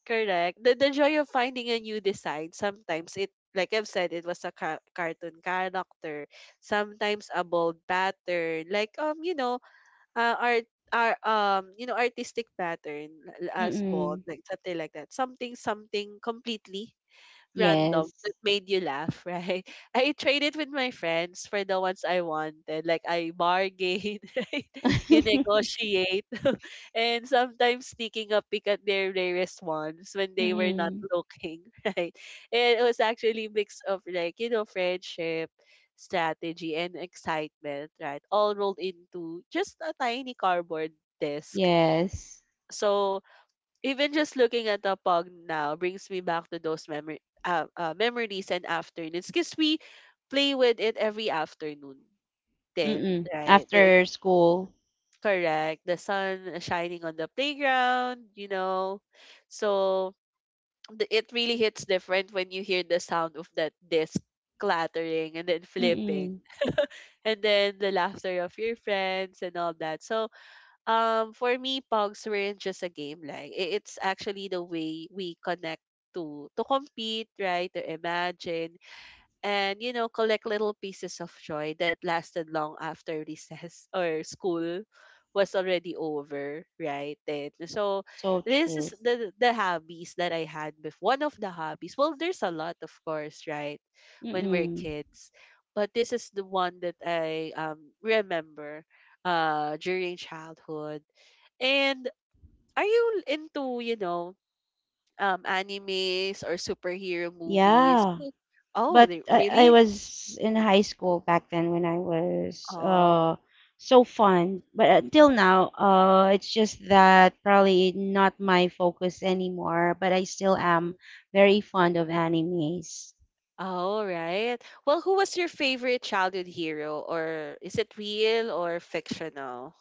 Speaker 1: correct. The joy of finding a new design. Sometimes it, like I've said, it was a cartoon character. Sometimes a bold pattern, like, you know, art. Our you know artistic pattern, as
Speaker 2: Mm-mm.
Speaker 1: bold like something like that, something something completely random
Speaker 2: Yes.
Speaker 1: that made you laugh, right? I traded with my friends for the ones I wanted. Like I bargain, right? You negotiate. And sometimes sneaking a peek at their rarest ones when they were not
Speaker 2: Mm-mm.
Speaker 1: looking, right? And it was actually a mix of like, you know, friendship, strategy, and excitement, right? All rolled into just a tiny cardboard disc.
Speaker 2: Yes.
Speaker 1: So even just looking at the pug now brings me back to those memory memories and afternoons, because we play with it every afternoon. Then
Speaker 2: Mm-mm.
Speaker 1: right.
Speaker 2: After school.
Speaker 1: Correct, the sun shining on the playground, you know. So it really hits different when you hear the sound of that disc clattering and then flipping,
Speaker 2: Mm-mm.
Speaker 1: and then the laughter of your friends and all that. So for me, Pogs weren't just a game. Like it's actually the way we connect to compete, right? To imagine, and collect little pieces of joy that lasted long after recess or school was already over right then. So
Speaker 2: So
Speaker 1: this is
Speaker 2: true.
Speaker 1: the hobbies that I had before. One of the hobbies, well, there's a lot, of course, right? When we're
Speaker 2: Mm-mm.
Speaker 1: kids, but this is the one that I remember during childhood. And are you into, animes or superhero movies?
Speaker 2: Yeah.
Speaker 1: Oh,
Speaker 2: But
Speaker 1: they,
Speaker 2: I
Speaker 1: really.
Speaker 2: was in high school back then when I was
Speaker 1: Oh.
Speaker 2: so fun. But until now, uh, it's just that probably not my focus anymore, but I still am
Speaker 1: Mhm.
Speaker 2: very fond of animes.
Speaker 1: Oh, right. Well, who was your favorite childhood hero? Or is it real or fictional?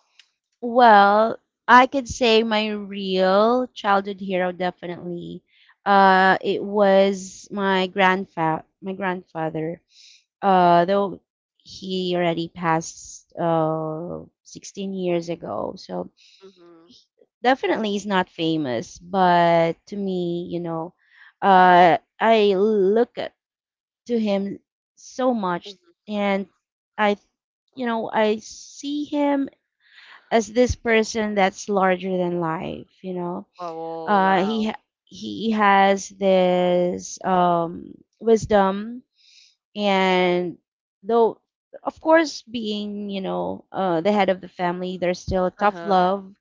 Speaker 2: Well, I could say my real childhood hero definitely. It was my grandfa my grandfather. Though he already passed 16 years ago. So
Speaker 1: Mhm.
Speaker 2: definitely is not famous, but to me, I look up to him so much,
Speaker 1: Mhm.
Speaker 2: and I, you know, I see him as this person that's larger than life. You know,
Speaker 1: Oh,
Speaker 2: uh, he
Speaker 1: wow.
Speaker 2: ha- he has this wisdom, and though of course being, you know, the head of the family, there's still tough
Speaker 1: Uh-huh.
Speaker 2: love,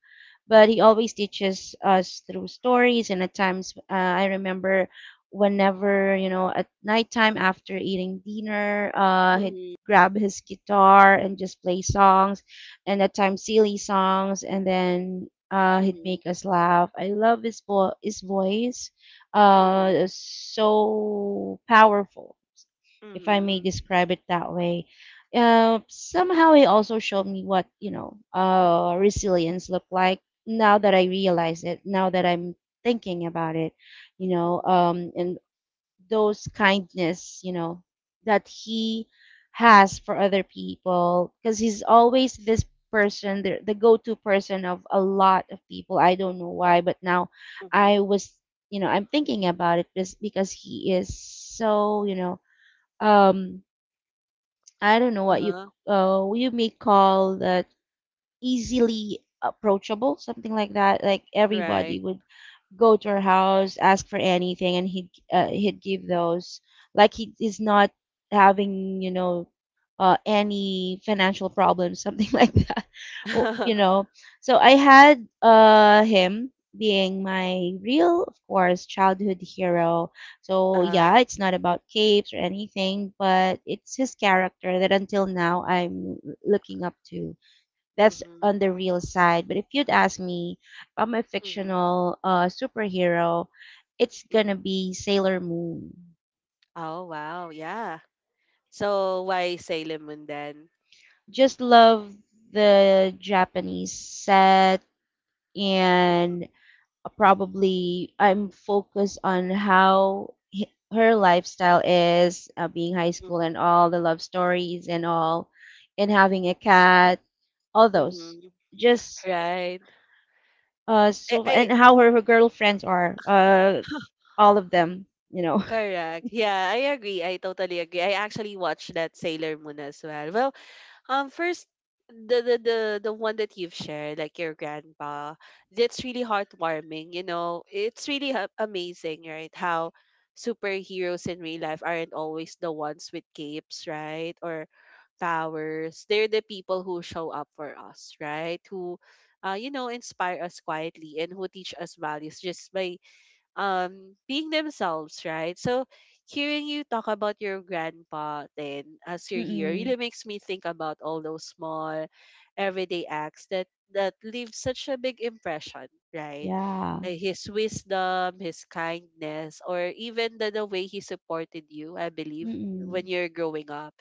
Speaker 2: but he always teaches us through stories. And at times, I remember whenever, you know, at nighttime after eating dinner, he'd
Speaker 1: Mhm.
Speaker 2: grab his guitar and just play songs, and at times silly songs, and then he'd
Speaker 1: Mhm.
Speaker 2: make us laugh. I love his, his voice,
Speaker 1: Mhm.
Speaker 2: so powerful, if I may
Speaker 1: Mhm.
Speaker 2: describe it that way. Somehow it also showed me what, you know, resilience looked like. Now that I realize it, now that I'm thinking about it, you know,
Speaker 1: Mhm.
Speaker 2: and those kindness, you know, that he has for other people, because he's always this person, the go-to person of a lot of people. I don't know why, but now I
Speaker 1: Mhm.
Speaker 2: was, you know, I'm thinking about it just because he is so, you know, um I don't know what you
Speaker 1: Uh-huh.
Speaker 2: you may call that, easily approachable, something like that. Like everybody
Speaker 1: Right.
Speaker 2: would go to her house, ask for anything, and he'd give those. Like he is not having, you know, any financial problems, something like that. Or, you know, so I had him being my real, of course, childhood hero. So
Speaker 1: Uh-huh.
Speaker 2: yeah, it's not about capes or anything, but it's his character that until now I'm looking up to. That's
Speaker 1: Mhm.
Speaker 2: on the real side. But if you'd ask me, I'm a
Speaker 1: Mhm.
Speaker 2: fictional superhero, it's gonna
Speaker 1: Mhm.
Speaker 2: be Sailor Moon.
Speaker 1: Oh, wow. Yeah. So why Sailor Moon then?
Speaker 2: Just love the Japanese set,
Speaker 1: Mhm.
Speaker 2: and probably I'm focused on how her lifestyle is, being high school
Speaker 1: Mhm.
Speaker 2: and all the love stories and all, and having a cat, all those,
Speaker 1: Mhm.
Speaker 2: just
Speaker 1: Right. I,
Speaker 2: so,
Speaker 1: I
Speaker 2: and how her girlfriends are all of them, you know.
Speaker 1: Correct. Yeah, I agree. I totally agree. I actually watched that Sailor Moon as well. Well, first the one that you've shared, like your grandpa, that's really heartwarming. You know, it's really amazing, right? How superheroes in real life aren't always the ones with capes, right? Or powers. They're the people who show up for us, right? Who, inspire us quietly and who teach us values just by being themselves, right? So hearing you talk about your grandpa then as you're here
Speaker 2: Mm-mm.
Speaker 1: really makes me think about all those small everyday acts that leave such a big impression, right?
Speaker 2: Yeah.
Speaker 1: His wisdom, his kindness, or even the way he supported you, I believe, when
Speaker 2: Mm-mm.
Speaker 1: you're growing up.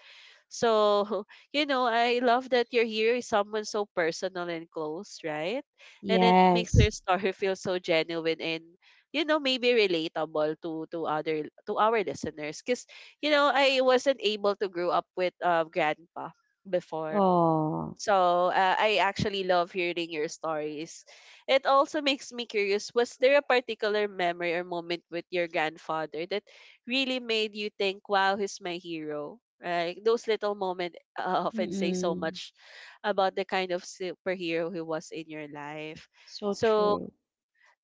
Speaker 1: So, I love that you're here is someone so personal and close, right? And it makes their
Speaker 2: Yes.
Speaker 1: story feel so genuine, and maybe relatable to other to our listeners. Because I wasn't able to grow up with grandpa before.
Speaker 2: Oh.
Speaker 1: So I actually love hearing your stories. It also makes me curious, was there a particular memory or moment with your grandfather that really made you think, wow, he's my hero, right? Those little moments often say so
Speaker 2: Mm-mm.
Speaker 1: much about the kind of superhero he was in your life.
Speaker 2: So
Speaker 1: So
Speaker 2: true.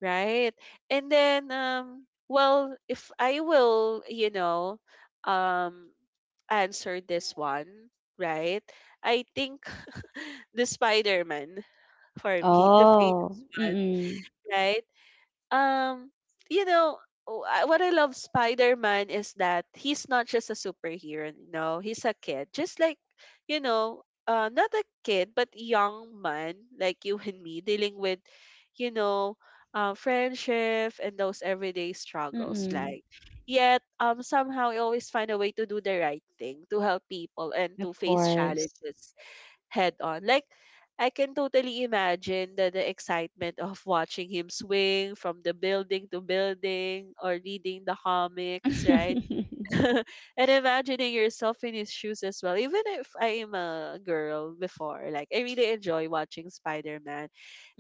Speaker 1: right? And then, well, if I will, um, answer this one, right? I think the Spider Man for me, the
Speaker 2: Oh.
Speaker 1: famous one,
Speaker 2: Mm-mm.
Speaker 1: right? Um, you know, what I love Spider-Man is that he's not just a superhero, no, he's a kid. Just like, not a kid but young man, like you and me, dealing with, you know, friendship and those everyday struggles,
Speaker 2: Mm-mm.
Speaker 1: like yet somehow I always find a way to do the right thing, to help people, and
Speaker 2: Of
Speaker 1: to face
Speaker 2: course.
Speaker 1: challenges head on. Like I can totally imagine the excitement of watching him swing from the building to building, or reading the comics, right? And imagining yourself in his shoes as well. Even if I am a girl before, like I really enjoy watching Spider Man.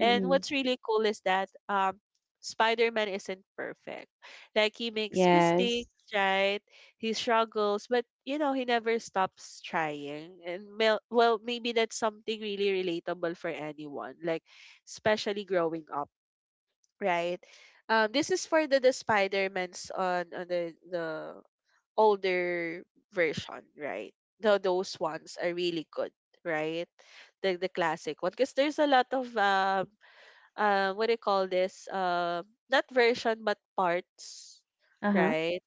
Speaker 1: And what's really cool is that Spider Man isn't perfect. Like he makes
Speaker 2: Yes.
Speaker 1: mistakes, right? He struggles, but he never stops trying. And well, maybe that's something really relatable for anyone, like especially growing up, right? This is for the Spider-Mans on, the older version, right? Those ones are really good, right? The classic one, because there's a lot of what do you call this? Not version but parts,
Speaker 2: Uh-huh.
Speaker 1: right?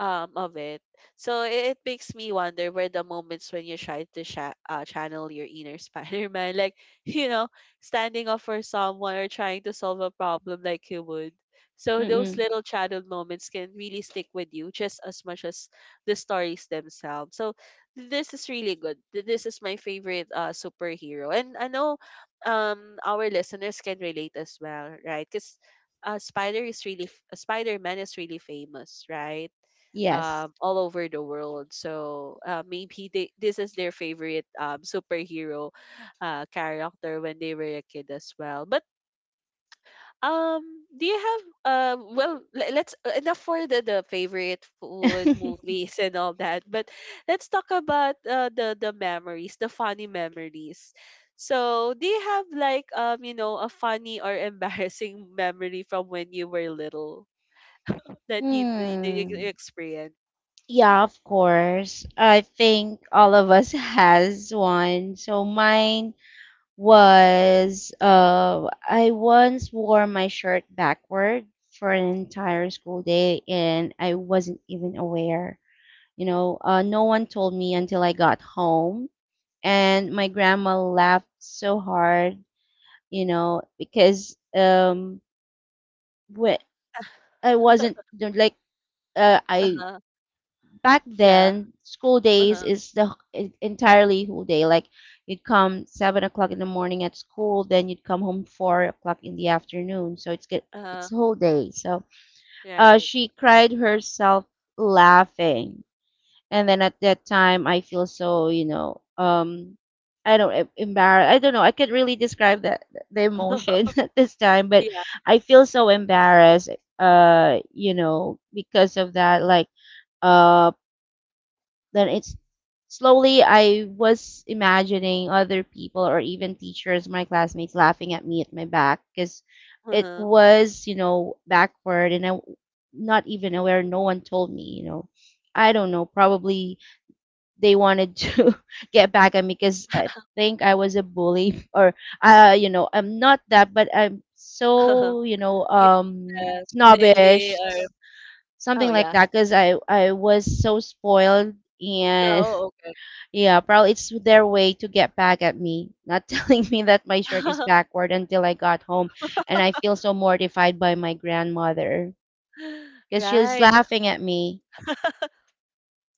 Speaker 1: Of it. So it makes me wonder where the moments when you try to channel your inner Spider-Man, like you know, standing up for someone or trying to solve a problem like you would. So those
Speaker 2: Mm-mm.
Speaker 1: little childhood moments can really stick with you just as much as the stories themselves. So this is really good. This is my favorite superhero, and I know our listeners can relate as well, right? Because Spider Man is really famous, right?
Speaker 2: Yes.
Speaker 1: All over the world. So maybe this is their favorite superhero character when they were a kid as well. But um, do you have well let's enough for the favorite food movies and all that. But let's talk about the memories, the funny memories. So, do you have like a funny or embarrassing memory from when you were little, that you
Speaker 2: Hmm.
Speaker 1: experience?
Speaker 2: Yeah, of course. I think all of us has one. So mine was I once wore my shirt backward for an entire school day, and I wasn't even aware. You know, no one told me until I got home, and my grandma laughed so hard, you know, because wh- I wasn't like I back
Speaker 1: Yeah.
Speaker 2: then, school days
Speaker 1: Uh-huh.
Speaker 2: is the entirely whole day. Like you'd come 7 o'clock in the morning at school, then you'd come home 4 o'clock in the afternoon. So it's good.
Speaker 1: Uh-huh.
Speaker 2: It's whole day. So
Speaker 1: Right.
Speaker 2: she cried herself laughing, and then at that time, I feel so, you know, um. I don't embarrassed. I don't know. I can't really describe that the emotion at this time, but
Speaker 1: Yeah.
Speaker 2: I feel so embarrassed. You know, because of that, like uh then it's slowly I was imagining other people or even teachers, my classmates laughing at me at my back because it
Speaker 1: Uh-huh.
Speaker 2: was, you know, backward, and not even aware, no one told me, you know. I don't know, probably they wanted to get back at me because I think I was a bully or you know, I'm not that, but I'm so, you know,
Speaker 1: You the silly
Speaker 2: snobbish,
Speaker 1: or oh
Speaker 2: something like
Speaker 1: yeah.
Speaker 2: that, because I was so spoiled, and
Speaker 1: Oh, okay.
Speaker 2: yeah, probably it's their way to get back at me, not telling me that my shirt is backward until I got home, and I feel so mortified by my grandmother because she's
Speaker 1: Right.
Speaker 2: laughing at me.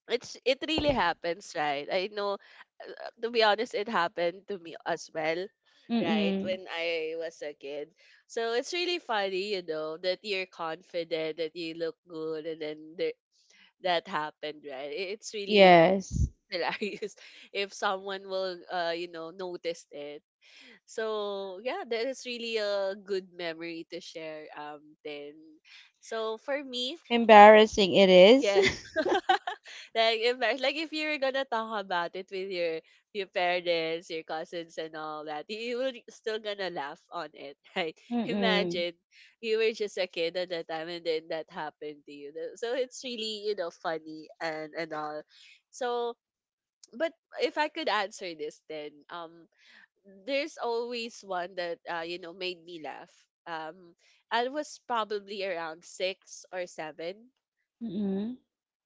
Speaker 1: It really happens, right? I know, to be honest, it happened to me as well, right?
Speaker 2: Mm-mm.
Speaker 1: When I was a kid. So it's really funny, that you're confident, that you look good, and then that happened, right? It's really
Speaker 2: Yes.
Speaker 1: hilarious if someone will notice it. So yeah, that is really a good memory to share, then. So for me,
Speaker 2: Embarrassing it is.
Speaker 1: yeah. Like if you're gonna talk about it with your parents, your cousins, and all that, you will still gonna laugh on it, right?
Speaker 2: Mm-mm.
Speaker 1: Imagine you were just a kid at that time, and then that happened to you. So it's really, funny, and all. So, but if I could answer this, then there's always one that, made me laugh. Um, I was probably around six or seven,
Speaker 2: Mm-mm.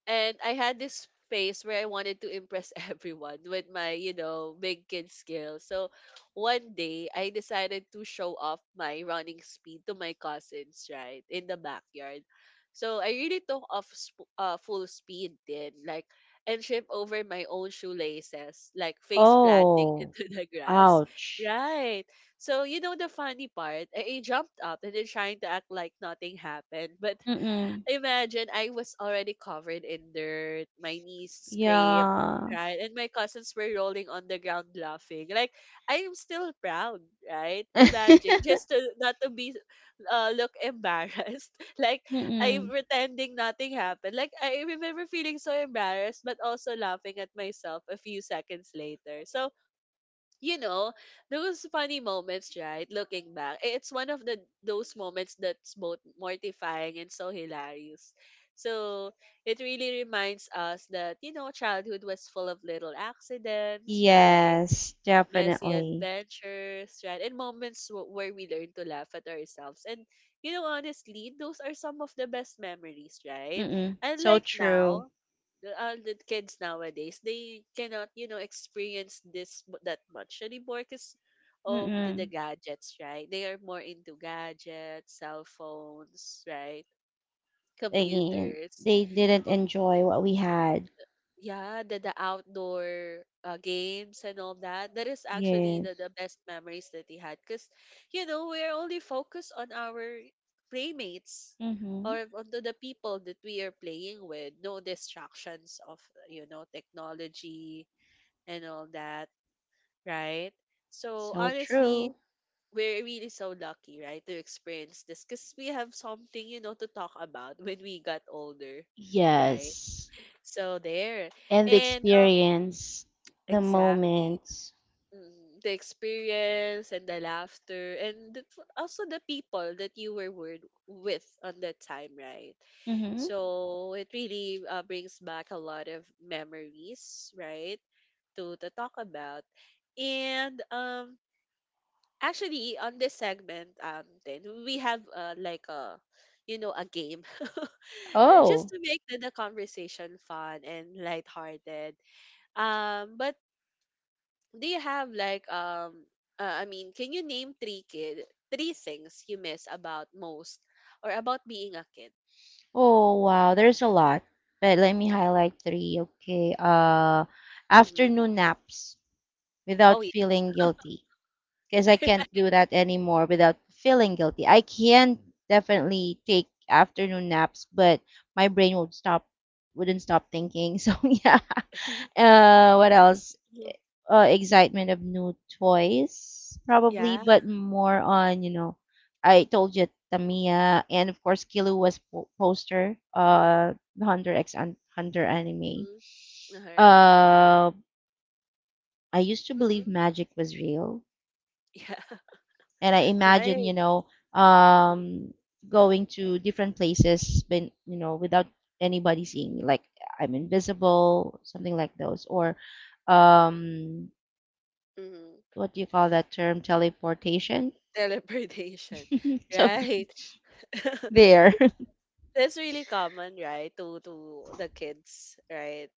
Speaker 1: and I had this phase where I wanted to impress everyone with my, big kid skills. So one day I decided to show off my running speed to my cousins, right, in the backyard. So I really took off full speed then, like, and trip over my own shoelaces, like face planting
Speaker 2: Oh,
Speaker 1: into the grass.
Speaker 2: ouch.
Speaker 1: Right. So you know the funny part, I jumped up and then trying to act like nothing happened. But
Speaker 2: Mm-mm.
Speaker 1: imagine, I was already covered in dirt, my knees scraped,
Speaker 2: Yeah.
Speaker 1: right? And my cousins were rolling on the ground laughing. Like I am still proud, right? Imagine, just to not to be look embarrassed. Like I'm
Speaker 2: Mm-mm.
Speaker 1: pretending nothing happened. Like I remember feeling so embarrassed, but also laughing at myself a few seconds later. So you know, those funny moments, right? Looking back, it's one of the those moments that's both mortifying and so hilarious. So it really reminds us that, childhood was full of little accidents, right?
Speaker 2: Yes,
Speaker 1: Messy
Speaker 2: definitely.
Speaker 1: adventures, right? And moments where we learn to laugh at ourselves. And honestly, those are some of the best memories, right?
Speaker 2: Mm-mm. So
Speaker 1: Unlike
Speaker 2: true.
Speaker 1: now, all the kids nowadays, they cannot experience this that much anymore, because of the
Speaker 2: Mm-mm.
Speaker 1: gadgets, right? They are more into gadgets, cell phones, right?
Speaker 2: Again,
Speaker 1: Computers.
Speaker 2: they didn't
Speaker 1: But
Speaker 2: enjoy what we had.
Speaker 1: yeah, the outdoor games and all that, that is actually
Speaker 2: Yes.
Speaker 1: the best memories that he had, because we're only focused on our playmates,
Speaker 2: Mm-hmm.
Speaker 1: or onto the people that we are playing with. No distractions of, technology, and all that, right? So
Speaker 2: So true.
Speaker 1: honestly, we're really so lucky, right, to experience this, because we have something, to talk about when we got older, right?
Speaker 2: Yes.
Speaker 1: So there.
Speaker 2: And the
Speaker 1: And
Speaker 2: experience, the
Speaker 1: exactly.
Speaker 2: moments.
Speaker 1: The experience, and the laughter, and also the people that you were word, with on that time, right?
Speaker 2: Mm-hmm.
Speaker 1: So it really brings back a lot of memories, right? To talk about, and actually, on this segment, then we have like a, a game. Just
Speaker 2: Oh.
Speaker 1: to make the conversation fun and lighthearted. But do you have like I mean, can you name three things you miss about most, or about being a kid?
Speaker 2: Oh, wow. There's a lot. But let me highlight three. Okay.
Speaker 1: Mm-hmm.
Speaker 2: Afternoon naps
Speaker 1: Oh
Speaker 2: without
Speaker 1: yeah.
Speaker 2: feeling guilty. Because I can't do that anymore without feeling guilty. I can definitely take afternoon naps, but my brain would stop wouldn't stop thinking. So yeah. Uh, what else?
Speaker 1: Mhm.
Speaker 2: Uh, excitement of new toys probably,
Speaker 1: Yeah.
Speaker 2: but more on, you know, I told you Tamiya, and of course Kilu was poster, uh, the Hunter X and Hunter anime.
Speaker 1: Mm-hmm. All right.
Speaker 2: Uh, I used to believe
Speaker 1: Mm-hmm.
Speaker 2: magic was real,
Speaker 1: Yeah.
Speaker 2: and I imagine,
Speaker 1: Right.
Speaker 2: you know, um, going to different places, been, you know, without anybody seeing me, like I'm invisible, something like those, or um,
Speaker 1: Mm-hmm.
Speaker 2: what do you call that term? Teleportation.
Speaker 1: Teleportation.
Speaker 2: So
Speaker 1: Right.
Speaker 2: there.
Speaker 1: That's really common, right? To the kids, right?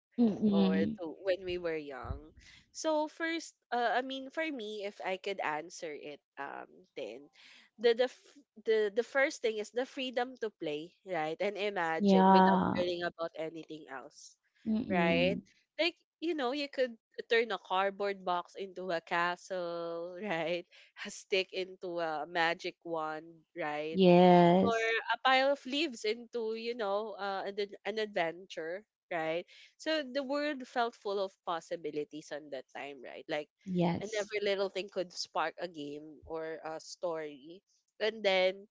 Speaker 1: Or
Speaker 2: Mm-mm.
Speaker 1: to when we were young. So first, I mean, for me, if I could answer it, then the the f- the first thing is the freedom to play, right? And imagine without
Speaker 2: Yeah.
Speaker 1: worrying about anything else, right?
Speaker 2: Mm-mm.
Speaker 1: Like, you could turn a cardboard box into a castle, right? A stick into a magic wand, right? Or
Speaker 2: Yes.
Speaker 1: a pile of leaves into, an adventure, right? So the world felt full of possibilities on that time, right? Like, and
Speaker 2: Yes.
Speaker 1: every little thing could spark a game or a story. And then,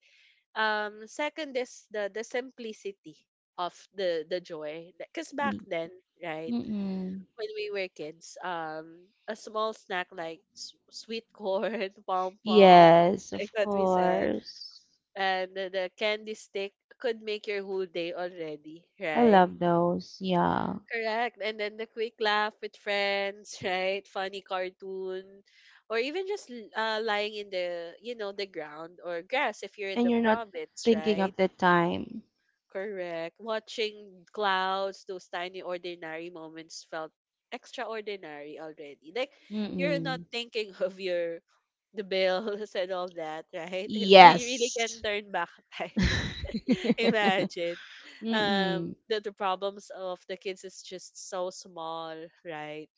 Speaker 1: second is the simplicity of the joy, because back
Speaker 2: Mm-
Speaker 1: then, right,
Speaker 2: Mm-mm.
Speaker 1: when we were kids, a small snack like sweet corn pom pom,
Speaker 2: Yes,
Speaker 1: like
Speaker 2: of
Speaker 1: what we said,
Speaker 2: course.
Speaker 1: and the candy stick could make your whole day already,
Speaker 2: I
Speaker 1: right?
Speaker 2: love those. Yeah.
Speaker 1: Correct. And then the quick laugh with friends, right? Funny cartoon, or even just lying in the ground or grass if you're in
Speaker 2: And
Speaker 1: the
Speaker 2: you're not
Speaker 1: province,
Speaker 2: thinking
Speaker 1: right?
Speaker 2: of the time.
Speaker 1: Correct. Watching clouds, those tiny ordinary moments felt extraordinary already. Like you're not
Speaker 2: Mm-mm.
Speaker 1: thinking of your the bills and all that, right? If we really can
Speaker 2: Yes.
Speaker 1: turn back time. Imagine.
Speaker 2: Mm-mm.
Speaker 1: The problems of the kids is just so small, right?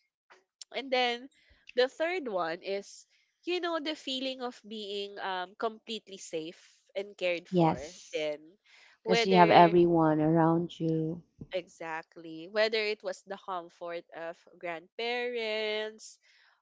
Speaker 1: And then the third one is, the feeling of being completely safe and cared for.
Speaker 2: Yes.
Speaker 1: Then,
Speaker 2: Because you have
Speaker 1: whether
Speaker 2: everyone around you.
Speaker 1: exactly, whether it was the comfort of grandparents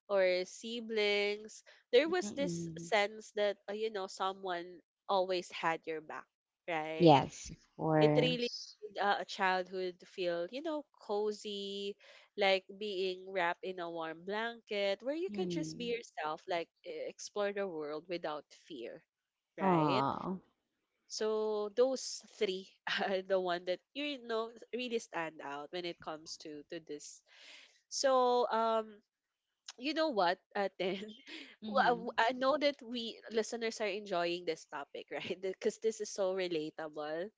Speaker 1: or siblings, there was this
Speaker 2: Mm-mm.
Speaker 1: sense that, someone always had your back, right?
Speaker 2: Yes, of
Speaker 1: It really
Speaker 2: course.
Speaker 1: made a childhood feel, cozy, like being wrapped in a warm blanket where you could just be
Speaker 2: Mm.
Speaker 1: yourself, like explore the world without fear, right?
Speaker 2: Aw.
Speaker 1: So those three are the one that, really stand out when it comes to this. So you know what, then well, I
Speaker 2: Mm-hmm.
Speaker 1: w- I know that we listeners are enjoying this topic, right? Because this is so relatable,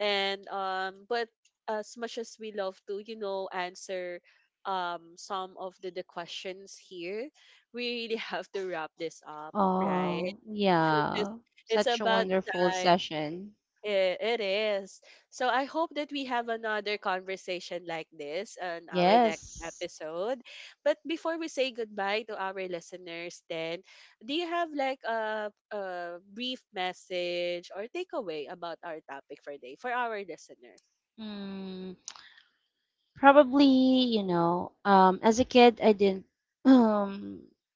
Speaker 1: and but as much as we love to, answer some of the questions here, we really have to wrap this up, right?
Speaker 2: Oh,
Speaker 1: it's
Speaker 2: yeah.
Speaker 1: it's
Speaker 2: Such a
Speaker 1: about
Speaker 2: wonderful
Speaker 1: time.
Speaker 2: session.
Speaker 1: It is. So I hope that we have another conversation like this on our next
Speaker 2: Yes.
Speaker 1: episode. But before we say goodbye to our listeners, then do you have like a brief message or takeaway about our topic for today for our listener?
Speaker 2: Mm, probably, you know, as a kid, I didn't,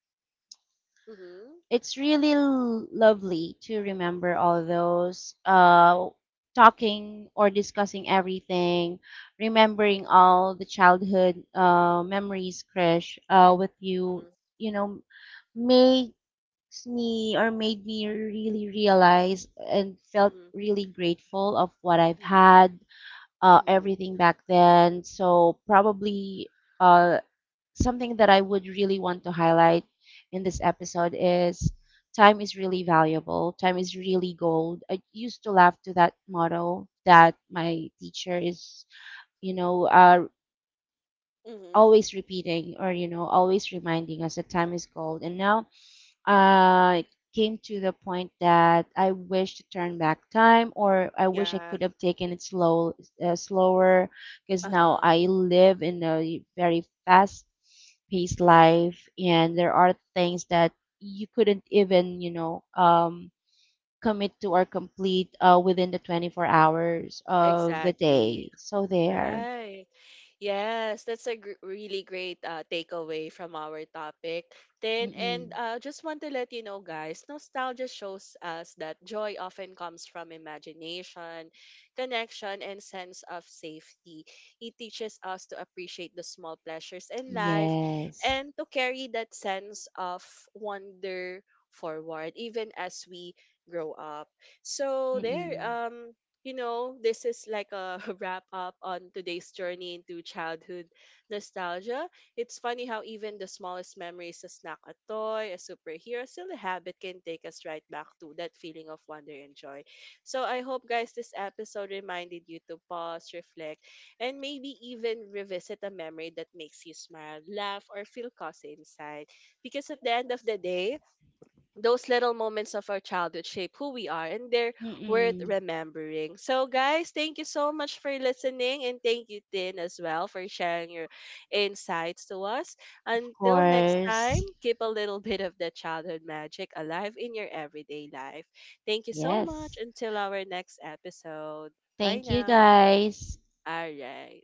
Speaker 1: Mhm.
Speaker 2: it's really lovely to remember all those talking or discussing everything, remembering all the childhood memories, Krish, with you.
Speaker 1: Mhm.
Speaker 2: You know, makes me or made me really realize and felt
Speaker 1: Mhm.
Speaker 2: really grateful of what I've had,
Speaker 1: Mhm.
Speaker 2: everything back then. So probably uh, something that I would really want to highlight in this episode is time is really valuable. Time is really gold. I used to laugh to that motto that my teacher is, you know,
Speaker 1: Mhm.
Speaker 2: always repeating or, you know, always reminding us that time is gold. And now I came to the point that I wish to turn back time, or I wish I
Speaker 1: Yeah.
Speaker 2: could have taken it slow, slower, because now
Speaker 1: Uh-huh.
Speaker 2: I live in a very fast-paced
Speaker 1: Mhm.
Speaker 2: life, and there are things that you couldn't even, you know, commit to or complete within the 24 hours of the
Speaker 1: Exactly.
Speaker 2: day. So there.
Speaker 1: Right. Yes, that's a really great takeaway from our topic. Then, and
Speaker 2: Mm-mm.
Speaker 1: just want to let you know, guys, nostalgia shows us that joy often comes from imagination, connection, and sense of safety. It teaches us to appreciate the small pleasures in life
Speaker 2: Yes.
Speaker 1: and to carry that sense of wonder forward, even as we grow up. So, there.
Speaker 2: Mm-mm.
Speaker 1: Um, this is like a wrap up on today's journey into childhood nostalgia. It's funny how even the smallest memories, a snack, a toy, a superhero, still a habit, can take us right back to that feeling of wonder and joy. So I hope, guys, this episode reminded you to pause, reflect, and maybe even revisit a memory that makes you smile, laugh, or feel cozy inside. Because at the end of the day, those little moments of our childhood shape who we are, and they're worth
Speaker 2: Mm-mm. Of
Speaker 1: remembering. So guys, thank you so much for listening, and thank you Tin as well for sharing your insights to us. Until next time,
Speaker 2: course.
Speaker 1: keep a little bit of the childhood magic alive in your everyday life. Thank you so much
Speaker 2: Yes.
Speaker 1: until our next episode. Bye
Speaker 2: Thank you
Speaker 1: now.
Speaker 2: guys.
Speaker 1: All right.